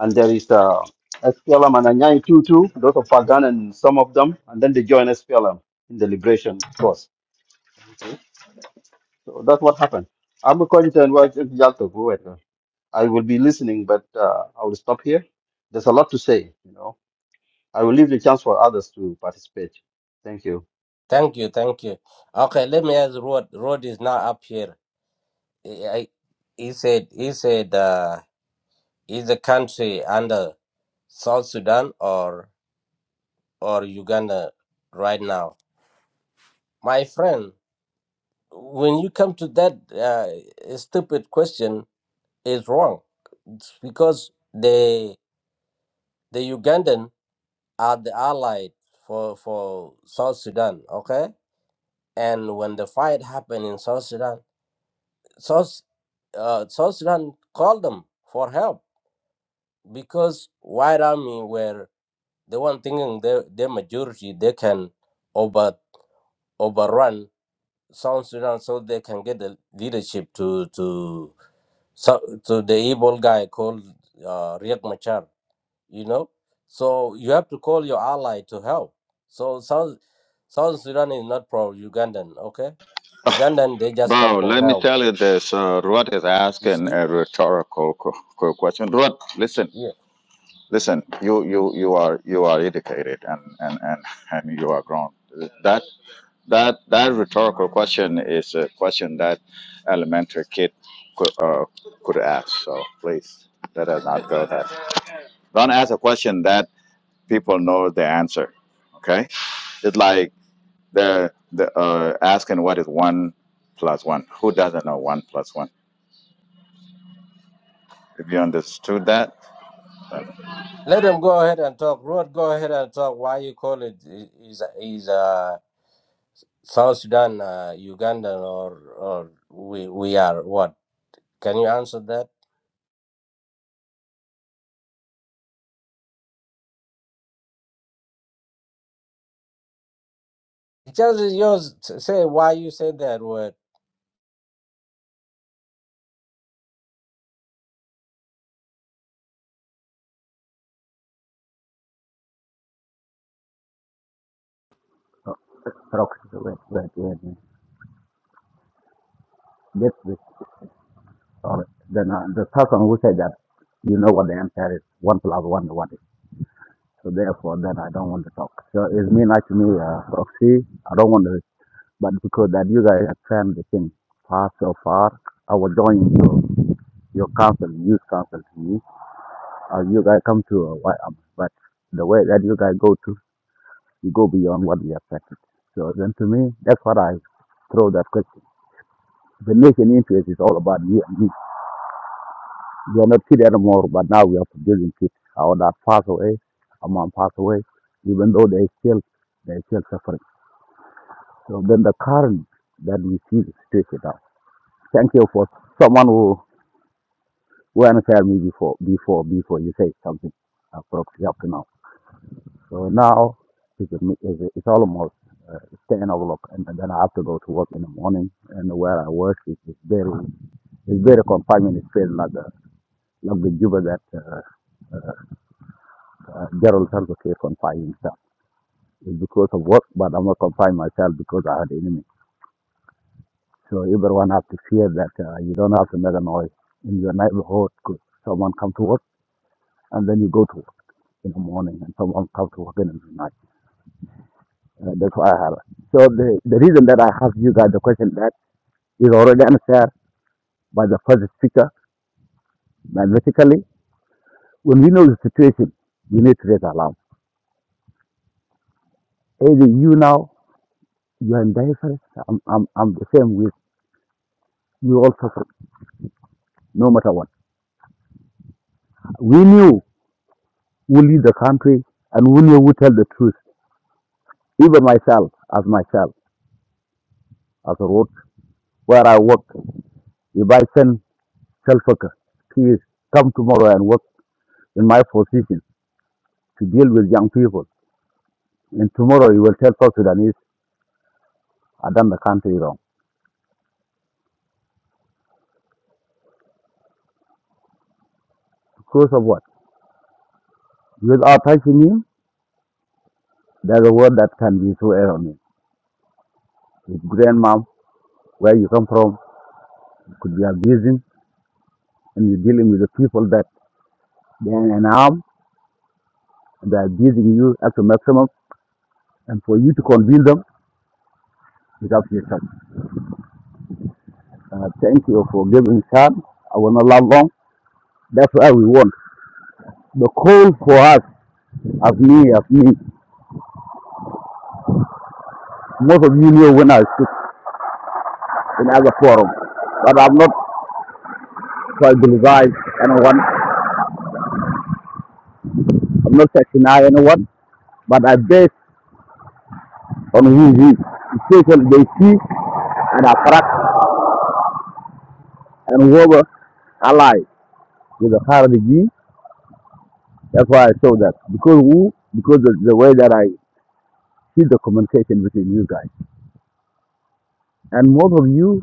Speaker 4: and there is uh, SPLM and Anyanya two too. Those of Pagan and some of them, and then they join SPLM in the liberation force. So that's what happened. I'm a content worker in Yalta, go ahead, uh, I will be listening, but uh, I will stop here. There's a lot to say, you know. I will leave the chance for others to participate. Thank you.
Speaker 2: Thank you, thank you. Okay, let me ask Rod. Rod is not up here. I, I- he said, he said, uh, is the country under South Sudan or or Uganda right now? My friend, when you come to that uh, stupid question, is wrong It's because the the Ugandan are the allied for for South Sudan. Okay And when the fight happened in South Sudan, South, uh, South Sudan called them for help because White Army were the one thinking their, their majority they can over overrun South Sudan so they can get the leadership to to so, to the evil guy called uh, Riek Machar. You know, so you have to call your ally to help. So South South Sudan is not pro Ugandan, okay? Ugandan they just come
Speaker 3: Bro,
Speaker 2: for
Speaker 3: let me
Speaker 2: help.
Speaker 3: tell you this. Uh, Ruat is
Speaker 2: You
Speaker 3: asking
Speaker 2: see?
Speaker 3: a rhetorical qu- qu- question. Ruat, listen.
Speaker 2: Yeah.
Speaker 3: listen you you you are you are educated and and and, and you are grown that that that rhetorical question is a question that elementary kid could, uh, could ask so please let us not go that don't ask a question that people know the answer okay it's like they're they're uh, asking what is one plus one who doesn't know one plus one if you understood that
Speaker 2: Let them go ahead and talk. Ruud, go ahead and talk. Why you call it is is uh South Sudan, uh, Uganda, or or we we are what? Can you answer that? Just is yours. s- Say why you say that word.
Speaker 6: So Rocket wait, wait, wait. wait. This this solid. Then uh, the person who said that you know what the answer is one plus one what is. So therefore then I don't want to talk. So it's mean like to me, uh Roxy, I don't want to but because that you guys have turned the thing far so far, I will join your your council, youth council to me. Or you guys come to a white army. But the way that you guys go to you go beyond what we expected. So then to me that's what I throw that question. The nation interest is all about you and me. You are not kids anymore, but now we are producing kids. Our dad passed away, our mom passed away, even though they still they still suffering. So then the current that we see the situation now. Thank you for someone who who answered me before before before you say something appropriate up to now. So now it's, it's, it's almost uh, ten o'clock, and then I have to go to work in the morning. And where I work is is very it's very confinement. It's feel like the like the Juba that. Uh, Uh, Gerald Salva Kiir confined himself. It's because of work, but I'm not confined myself because I had enemy. So everyone has to fear that uh, you don't have to make a noise in your neighborhood 'cause someone come to work and then you go to work in the morning and someone come to work in the night. Uh, that's why I have it. So the, the reason that I have you guys the question that is already answered by the first speaker magnetically. When we know the situation, we need to raise alarm. Either you now, you are in danger, I'm, I'm, I'm the same with you all suffer, no matter what. We knew who lead the country and we knew who tell the truth. Even myself, as myself, as a road where I work, if I send Shalfaka, he please come tomorrow and work in my position to deal with young people. And tomorrow he will tell South Sudanese, I done the country wrong. Because of what? Without touching him, there's a word that can be so erroneous. His grandma, where you come from, could be abusing, and you're dealing with the people that they're in harm, and they're abusing you at the maximum. And for you to convince them, without research. Uh, thank you for giving time. I will not love long. That's why we want. The call for us, as me, as me, most of you know when I speak in other forum, but I'm not tribalize anyone. I'm not sectioning anyone, but I base on who he is. Especially they see and attract and whoever ally with the Khariji. That's why I saw that. Because who? Because the, the way that I see the communication between you guys. And most of you,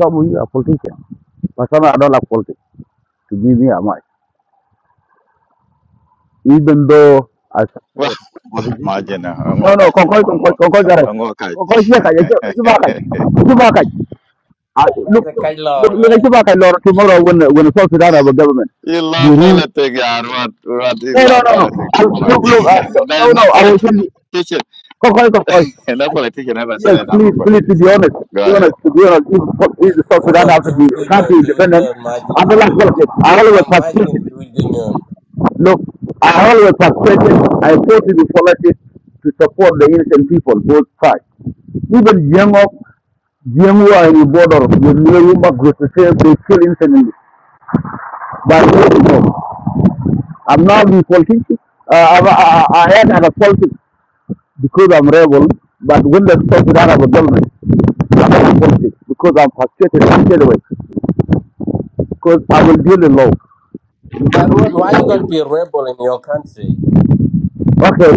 Speaker 6: some of you are politicians. My son, I don't like politics. To give me a mic. Even though I
Speaker 3: Wah,
Speaker 6: support
Speaker 3: wah,
Speaker 6: opposition.
Speaker 3: Margina, I'm
Speaker 6: No, no,
Speaker 3: catch
Speaker 6: Concoy, Concoy, Concoy, Gareth.
Speaker 3: I'm gonna
Speaker 6: Concoy, Chivakaj, Chivakaj,
Speaker 3: catch.
Speaker 6: Chivakaj. I- just
Speaker 2: That's
Speaker 6: Look,
Speaker 2: a
Speaker 6: look, look,
Speaker 2: kajlor,
Speaker 6: look,
Speaker 2: man.
Speaker 6: Chivakaj, Lord, tomorrow when, when the South Sudan have a government.
Speaker 3: You
Speaker 6: The
Speaker 3: love
Speaker 6: rule.
Speaker 3: politics, yeah. What, what? You
Speaker 6: No, no,
Speaker 3: love
Speaker 6: no,
Speaker 3: politics
Speaker 6: no. I-
Speaker 3: too much.
Speaker 6: Look, look, uh,
Speaker 3: there is
Speaker 6: no, no,
Speaker 3: no
Speaker 6: I will tell you.
Speaker 3: politician.
Speaker 6: Concoy, Concoy.
Speaker 3: No
Speaker 6: I-
Speaker 3: politician ever
Speaker 6: Yes,
Speaker 3: said I'm
Speaker 6: please,
Speaker 3: a
Speaker 6: please, to
Speaker 3: politician.
Speaker 6: be honest, to
Speaker 3: Go
Speaker 6: be honest,
Speaker 3: ahead.
Speaker 6: to be honest, if, if
Speaker 2: Hey,
Speaker 6: the South Sudan has
Speaker 2: Ruud,
Speaker 6: to
Speaker 2: do
Speaker 6: be,
Speaker 2: we do
Speaker 6: it has to be
Speaker 2: nyon? Do we
Speaker 6: independent,
Speaker 2: know
Speaker 6: I
Speaker 2: margin?
Speaker 6: don't like politics. I always participate.
Speaker 2: Margin, do we do nyon?
Speaker 6: Look, I always frustrated. I fought to be politics to support the innocent people, both sides. Even young of young who are in the border with new group to say they kill innocently. But no, no. I'm not in politics. Uh, I, I, I am out of politics because I'm rebel. But when they stop with Arab government, I'm out of politics because I'm frustrated. anyway, because I will deal in law.
Speaker 2: But Ruud, why you gotta be a rebel in your country?
Speaker 6: Okay,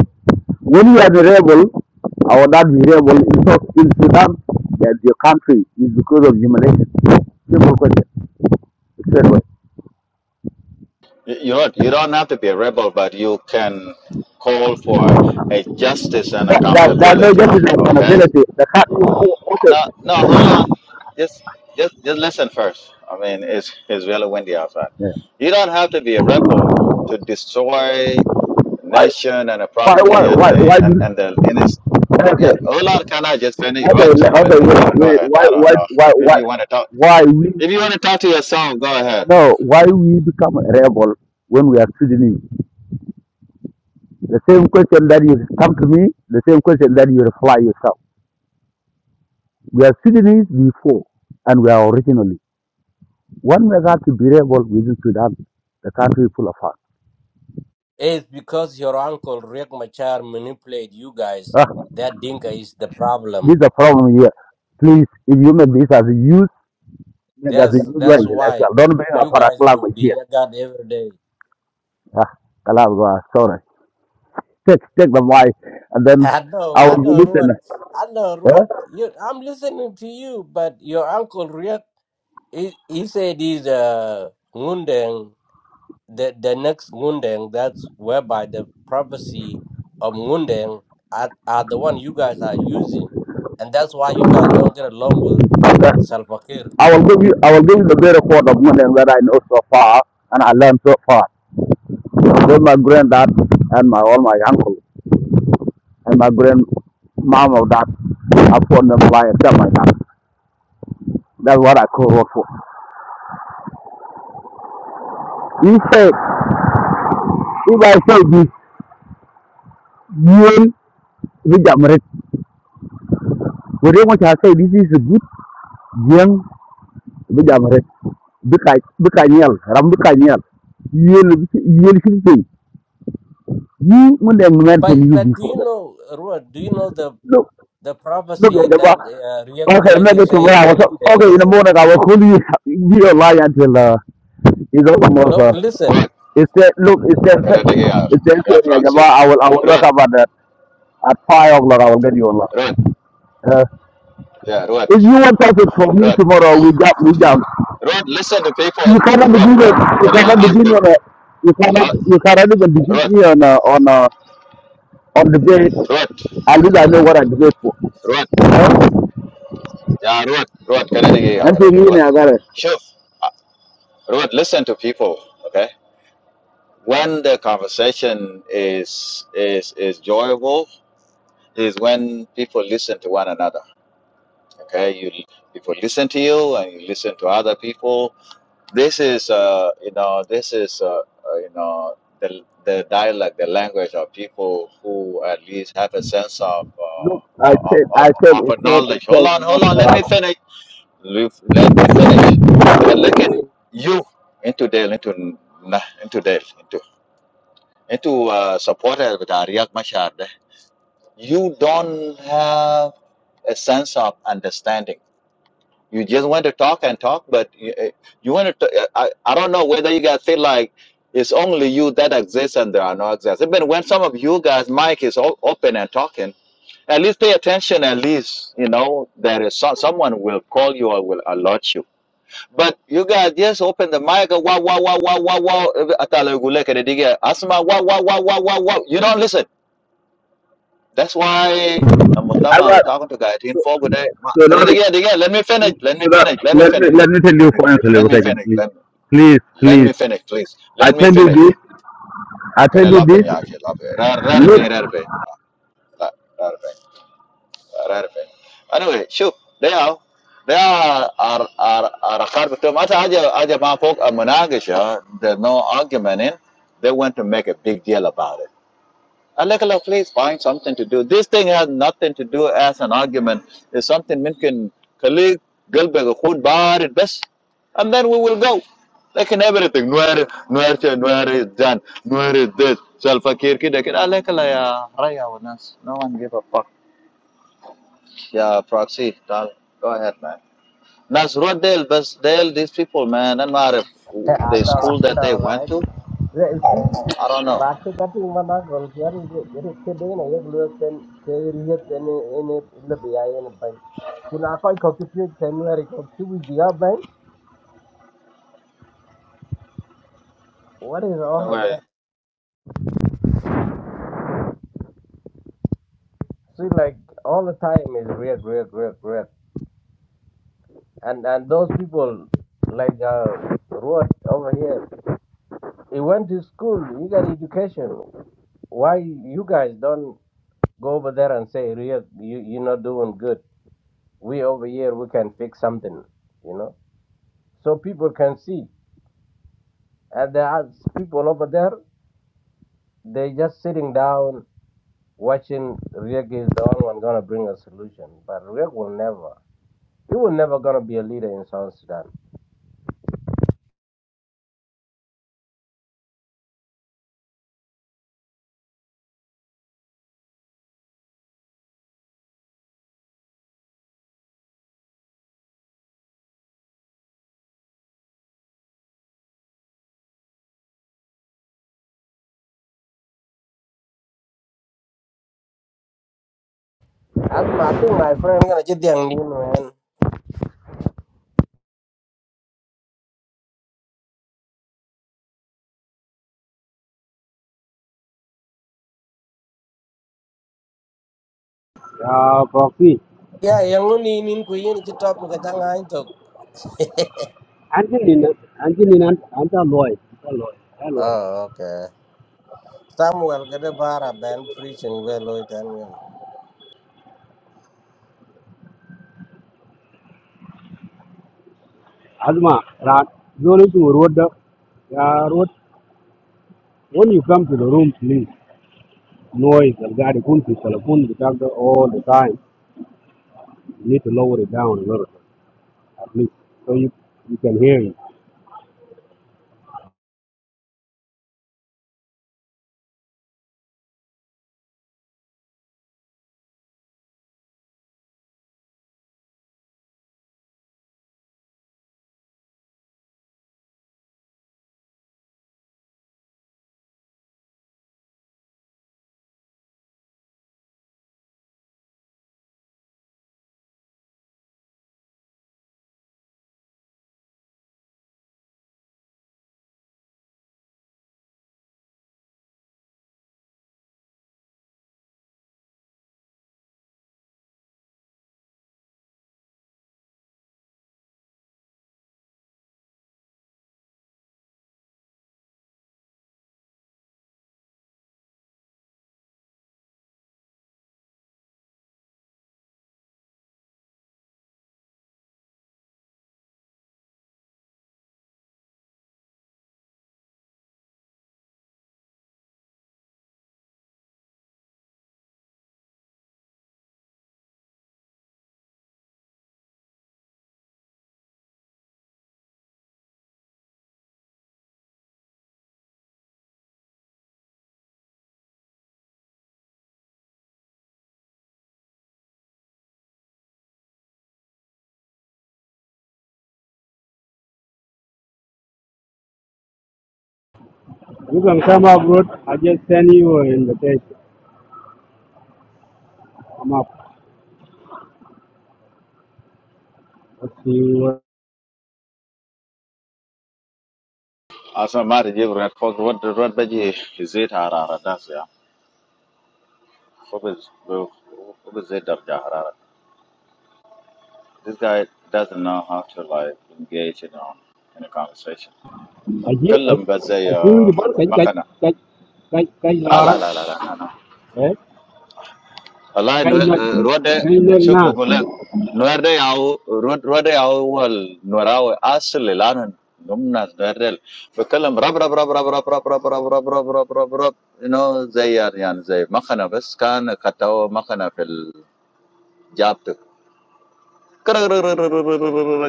Speaker 6: when you are the rebel, or that rebel in, Sou- Sudan, that your country is because of humiliation. Simple question, straight away.
Speaker 3: You you know, what? you don't have to be a rebel, but you can call for a justice and
Speaker 6: That, that, that no
Speaker 3: accountability.
Speaker 6: justice and
Speaker 3: Okay
Speaker 6: accountability. The country.
Speaker 3: No, no,
Speaker 6: okay,
Speaker 3: hold on. Just, just, just listen first. I mean, it's it's really windy outside.
Speaker 6: yeah.
Speaker 3: You don't have to be a rebel to destroy a
Speaker 6: why,
Speaker 3: nation and a
Speaker 6: why, why,
Speaker 3: property and
Speaker 6: why,
Speaker 3: the
Speaker 6: why do
Speaker 3: and
Speaker 6: you,
Speaker 3: and the innocent.
Speaker 6: okay,
Speaker 3: Yeah,
Speaker 6: okay,
Speaker 3: hold on. Can I just finish? What?
Speaker 6: le-
Speaker 3: Let
Speaker 6: okay,
Speaker 3: me finish. Go
Speaker 6: wait, wait,
Speaker 3: ahead.
Speaker 6: why,
Speaker 3: I don't
Speaker 6: why,
Speaker 3: know
Speaker 6: why,
Speaker 3: if
Speaker 6: why,
Speaker 3: you want to talk.
Speaker 6: why we,
Speaker 3: If you want to talk to yourself, go ahead.
Speaker 6: no, why we become a rebel when we are Sudanese? The same question that you come to me, the same question that you reply yourself. We are Sudanese before, and we are originally. When we got to be rebel within Sudan, the country full of us.
Speaker 2: It's because your uncle Riek Machar manipulate you guys.
Speaker 6: Ah,
Speaker 2: That dinka is the
Speaker 6: this
Speaker 2: problem.
Speaker 6: is the problem here. Please, if you make this as a youth, make as a
Speaker 2: That's
Speaker 6: youth or
Speaker 2: that's why
Speaker 6: intellectual. Don't bring a
Speaker 2: you guys
Speaker 6: product
Speaker 2: be
Speaker 6: language
Speaker 2: being
Speaker 6: here.
Speaker 2: God every day.
Speaker 6: Ah, kalam, ah, sorry. Take, take the mic, and then
Speaker 2: I know,
Speaker 6: I
Speaker 2: I
Speaker 6: will be
Speaker 2: know, Ruud.
Speaker 6: listening.
Speaker 2: I know, Ruud.
Speaker 6: Eh?
Speaker 2: You, I'm listening to you, but your uncle Riek, he, he said he's a Ngundeng, the the next Ngundeng. That's whereby the prophecy of Ngundeng are, are the one you guys are using, and that's why you guys don't get along with with Salva Kiir.
Speaker 6: I will give you, I will give you the better part of money and that I know so far, and I learned so far. With my granddad and my all my uncle. and my grand mom of that. I put them by them like that. That's what I call work for. He said, if I say this, young Vijamaret, we don't want to say this is a good young Vijamaret. Bikanyel, Rambikanyel, Yen Shilping. You when they
Speaker 2: But
Speaker 6: mention you
Speaker 2: but do
Speaker 6: before
Speaker 2: you
Speaker 6: that.
Speaker 2: know, Ruud? Do you know the
Speaker 6: Look,
Speaker 2: the
Speaker 6: look
Speaker 2: prophecy
Speaker 6: at the
Speaker 2: that
Speaker 6: box.
Speaker 2: uh, Riek,
Speaker 6: Okay,
Speaker 2: Riek
Speaker 6: maybe
Speaker 2: is
Speaker 6: tomorrow.
Speaker 2: saying, Mundeng
Speaker 6: Okay, in the
Speaker 2: said,
Speaker 6: morning I will call you. Be online until uh, it's
Speaker 2: look,
Speaker 6: over.
Speaker 2: listen.
Speaker 3: Rod,
Speaker 6: It said, look, it said,
Speaker 3: can I dig your
Speaker 6: it said,
Speaker 3: your
Speaker 6: yeah, Jama,
Speaker 3: proxy?
Speaker 6: I will, I will work
Speaker 3: Rod,
Speaker 6: about that. At five o'clock, I will get you Allah.
Speaker 3: Rod,
Speaker 6: Uh,
Speaker 3: yeah, Rod,
Speaker 6: if you want something from me
Speaker 3: Rod,
Speaker 6: tomorrow, we jump, we jump.
Speaker 3: Rod. Listen to people.
Speaker 6: You cannot
Speaker 3: Rod,
Speaker 6: begin
Speaker 3: Rod.
Speaker 6: it. You
Speaker 3: Can I
Speaker 6: cannot
Speaker 3: ask?
Speaker 6: begin on a, you cannot, you cannot even defeat
Speaker 3: Rod,
Speaker 6: me on a, on a, on the debate.
Speaker 3: Rod,
Speaker 6: At least I know what I debate for.
Speaker 3: Rod.
Speaker 6: Uh,
Speaker 3: Yeah, Ruat, Ruat, Kennedy, I
Speaker 6: and
Speaker 3: got
Speaker 6: to
Speaker 3: it. Ruat.
Speaker 6: me, I got it.
Speaker 3: Sure. Ruat, listen to people, okay? When the conversation is is is enjoyable, is when people listen to one another. Okay, you people listen to you and you listen to other people. This is uh, you know, this is uh, uh, you know, the the dialect, the language of people who at least have a sense of
Speaker 6: Look, I
Speaker 3: uh, of,
Speaker 6: said,
Speaker 3: of,
Speaker 6: I said, it
Speaker 3: of
Speaker 6: said, it
Speaker 3: knowledge. Hold
Speaker 6: said in the
Speaker 3: on, hold
Speaker 6: morning.
Speaker 3: on, let
Speaker 6: uh,
Speaker 3: me finish. Lif- Let me finish. But look you into Dale, into nah, into Dale, into into uh, supporter with Ariak Mashar. there. You don't have a sense of understanding. You just want to talk and talk, but you, eh, you want to. t- eh, I, I don't know whether you guys feel like it's only you that exists and there are no exists. Even when some of you guys' mic is all open and talking, at least pay attention. At least you know there is some, someone will call you or will alert you but you guys just open the mic. Wow, Wow, wow, wow, wow, wow, Atala wow. Atalagulekedege. Asma, wow, wow, wow, wow, wow, wow. You don't listen. That's why I'm
Speaker 6: I got,
Speaker 3: talking to guys in for good. day. Ma-
Speaker 6: so now, so
Speaker 3: Kedege, dege, Let me finish. Let me
Speaker 6: now,
Speaker 3: finish. Let me
Speaker 6: let me,
Speaker 3: finish.
Speaker 6: let me tell you
Speaker 3: Let me
Speaker 6: for
Speaker 3: let me
Speaker 6: answer,
Speaker 3: finish.
Speaker 6: please.
Speaker 3: Let me,
Speaker 6: Please,
Speaker 3: let
Speaker 6: please.
Speaker 3: me finish, please.
Speaker 6: I
Speaker 3: Let me
Speaker 6: tell you
Speaker 3: finish.
Speaker 6: this, I tell you this,
Speaker 3: Kedelapen yaki lapen. Rare
Speaker 6: look
Speaker 3: pin, rare pin. عارف يعني anyway شوف ده هو ده are are are hard to matter حاجة حاجة ما فوق المناقشة there's no argument in they want to make a big deal about it قال لك لو please find something to do this thing has nothing to do as an argument it's something ممكن خليك قلبك يكون بارد بس and then we will go لكن everything نوير نوير شي- نوير is done نوير is this سالفة كير كده كده قال لك لا يا ريا والناس no one give a fuck yeah, proxy. Tal- Go ahead, man. Nas Rodale, but Dale, these people, man, I'm not if
Speaker 2: Thế à,
Speaker 3: the
Speaker 2: đâu là
Speaker 3: school
Speaker 2: cái
Speaker 3: that they
Speaker 2: đầu
Speaker 3: went
Speaker 2: rồi
Speaker 3: to.
Speaker 2: Vậy chứ,
Speaker 3: I don't know.
Speaker 2: và cái cái gì mà nó còn cái gì cái cái cái đấy này cái lúa cái cái gì cái này cái này là bị ai này bệnh chúng ta coi có cái chuyện thế này có cái gì bị ai bệnh what is all of
Speaker 3: Anyway,
Speaker 2: that see like all the time is red red red red and and those people like uh Ruud over here He went to school. He got education. Why you guys don't go over there and say, "Real, you you're not doing good. We over here we can fix something," you know, so people can see. And there are people over there. They just sitting down watching. Riek is the only one gonna bring a solution, but Riek will never. He will never gonna be a leader in South Sudan. As my- I think my friend gonna get the man.
Speaker 1: ya fofi
Speaker 2: Yeah, young in in Queen, it's a topic.
Speaker 1: anjin ni anjin ni anta loy anta loy anta loy
Speaker 2: Oh, okay. Samuel get a bar a band preaching well with Daniel.
Speaker 1: azma ra zone tu road ya road when you come to the room please noise and god kun fi salakun the all the time You need to lower it down a little bit, at least, so you, you can hear you. You can come up, Ruth. I just send you an invitation. Come up. Let's see what.
Speaker 3: as a matter of red For what the red veggie is it Harara? That's yeah. What is who is it Darja Harara? This guy doesn't know how to like engage in um, in a conversation.
Speaker 1: I hear, I,
Speaker 3: Kallam bazay
Speaker 1: I hear you, but I, I,
Speaker 3: makana.
Speaker 1: I, I, I,
Speaker 3: Ah
Speaker 1: Laura.
Speaker 3: la la la la
Speaker 1: Eh?
Speaker 3: wallahi
Speaker 1: Kai
Speaker 3: no eh,
Speaker 1: nak,
Speaker 3: rode
Speaker 1: kai nak
Speaker 3: shuf
Speaker 1: na.
Speaker 3: da golek nuer de yaw rod rode yaw wal nuerawe asl lanan numna darrel فكلم رب رب رب رب رب رب رب رب رب رب رب رب رب انه زي يعني زي مخنه بس كان كتو مخنه في الجابتك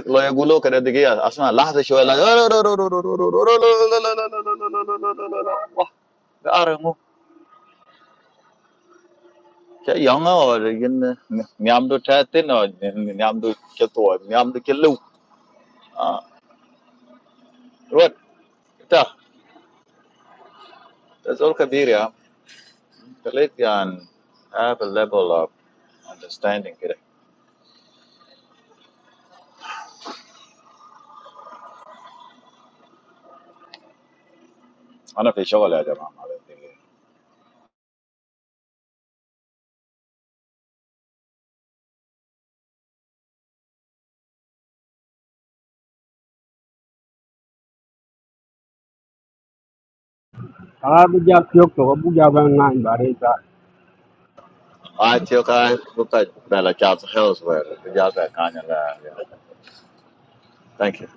Speaker 3: لا يقولوا كده دقيقه اسمع لحظه شويه لا Cha yang or yin nyam do cha or nyam do cha to do cha Ah, what? Ta. That's all kabir ya. Khalid yan have a level of understanding kida. Ana fi shogol ya jama'a I da I
Speaker 1: Kalau bukan pihak tu, bukan bang
Speaker 3: Ah, tiyo ka buka bala cha health where the jazza kanya la. Yeah. Thank you.